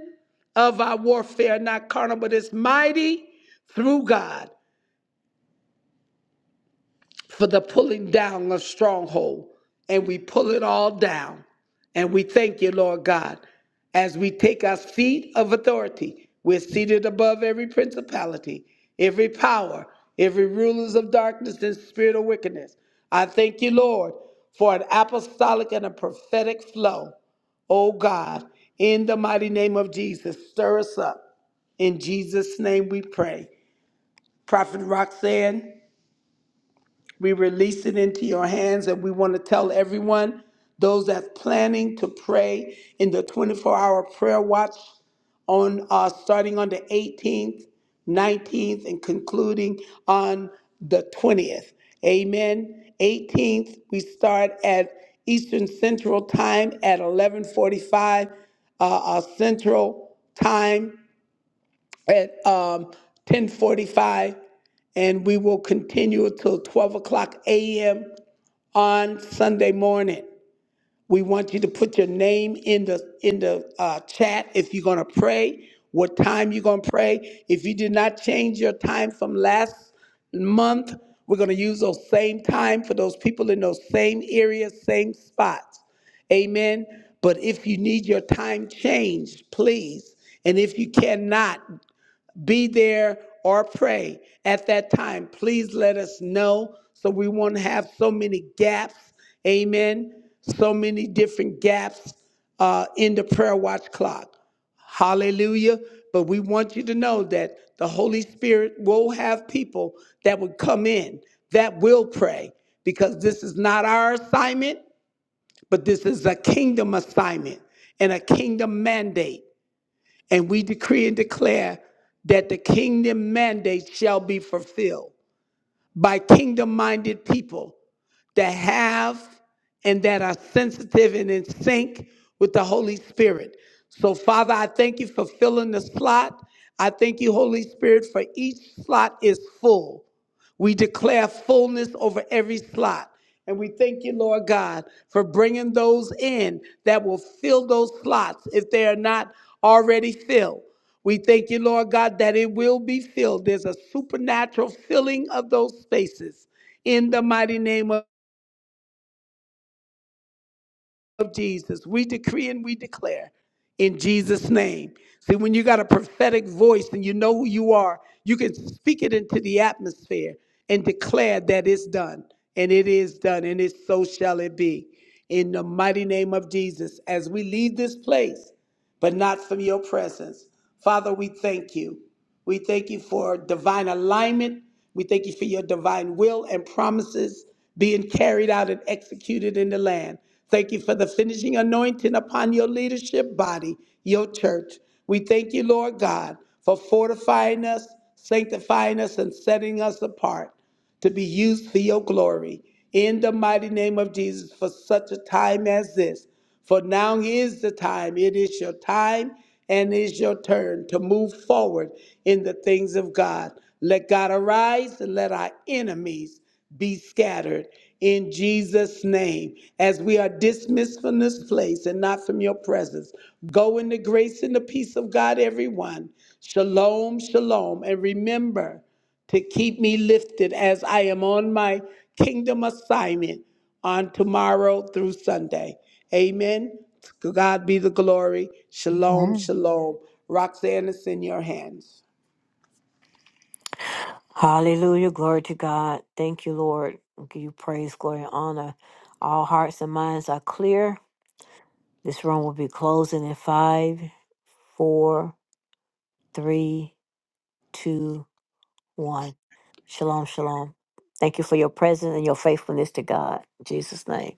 [SPEAKER 2] of our warfare, not carnal, but is mighty through God for the pulling down of stronghold. And we pull it all down. And we thank you, Lord God, as we take our seat of authority. We're seated above every principality, every power, every rulers of darkness and spirit of wickedness. I thank you, Lord, for an apostolic and a prophetic flow. Oh God, in the mighty name of Jesus, stir us up. In Jesus' name we pray. Prophet Roxanne. We release it into your hands, and we want to tell everyone, those that's planning to pray in the 24 hour prayer watch on uh, starting on the 18th, 19th, and concluding on the 20th. Amen. 18th, we start at Eastern Central Time at 11:45 uh, uh, Central Time at um, 10:45, and we will continue until 12 o'clock a.m. on Sunday morning. We want you to put your name in the in the uh, chat if you're gonna pray. What time you're gonna pray? If you did not change your time from last month, we're gonna use those same time for those people in those same areas, same spots. Amen. But if you need your time changed, please. And if you cannot, be there or pray at that time. Please let us know so we won't have so many gaps. Amen. So many different gaps uh, in the prayer watch clock. Hallelujah. But we want you to know that the Holy Spirit will have people that would come in that will pray because this is not our assignment, but this is a kingdom assignment and a kingdom mandate. And we decree and declare that the kingdom mandate shall be fulfilled by kingdom minded people that have and that are sensitive and in sync with the Holy Spirit. So, Father, I thank you for filling the slot. I thank you, Holy Spirit, for each slot is full. We declare fullness over every slot. And we thank you, Lord God, for bringing those in that will fill those slots if they are not already filled. We thank you, Lord God, that it will be filled. There's a supernatural filling of those spaces in the mighty name of. of Jesus. We decree and we declare in Jesus' name. See, when you got a prophetic voice and you know who you are, you can speak it into the atmosphere and declare that it's done. And it is done, and it so shall it be. In the mighty name of Jesus, as we leave this place, but not from your presence. Father, we thank you. We thank you for divine alignment. We thank you for your divine will and promises being carried out and executed in the land. Thank you for the finishing anointing upon your leadership body, your church. We thank you, Lord God, for fortifying us, sanctifying us, and setting us apart to be used for your glory in the mighty name of Jesus for such a time as this. For now is the time, it is your time and it is your turn to move forward in the things of God. Let God arise and let our enemies be scattered in Jesus' name. As we are dismissed from this place and not from your presence, go in the grace and the peace of God, everyone. Shalom, shalom. And remember, to keep me lifted as I am on my kingdom assignment on tomorrow through Sunday. Amen. To God be the glory. Shalom, shalom. Roxanne is in your hands.
[SPEAKER 1] Hallelujah. Glory to God. Thank you, Lord. We give you praise, glory, and honor. All hearts and minds are clear. This room will be closing in five, four, three, two, one. Shalom, shalom. Thank you for your presence and your faithfulness to God. In Jesus' name.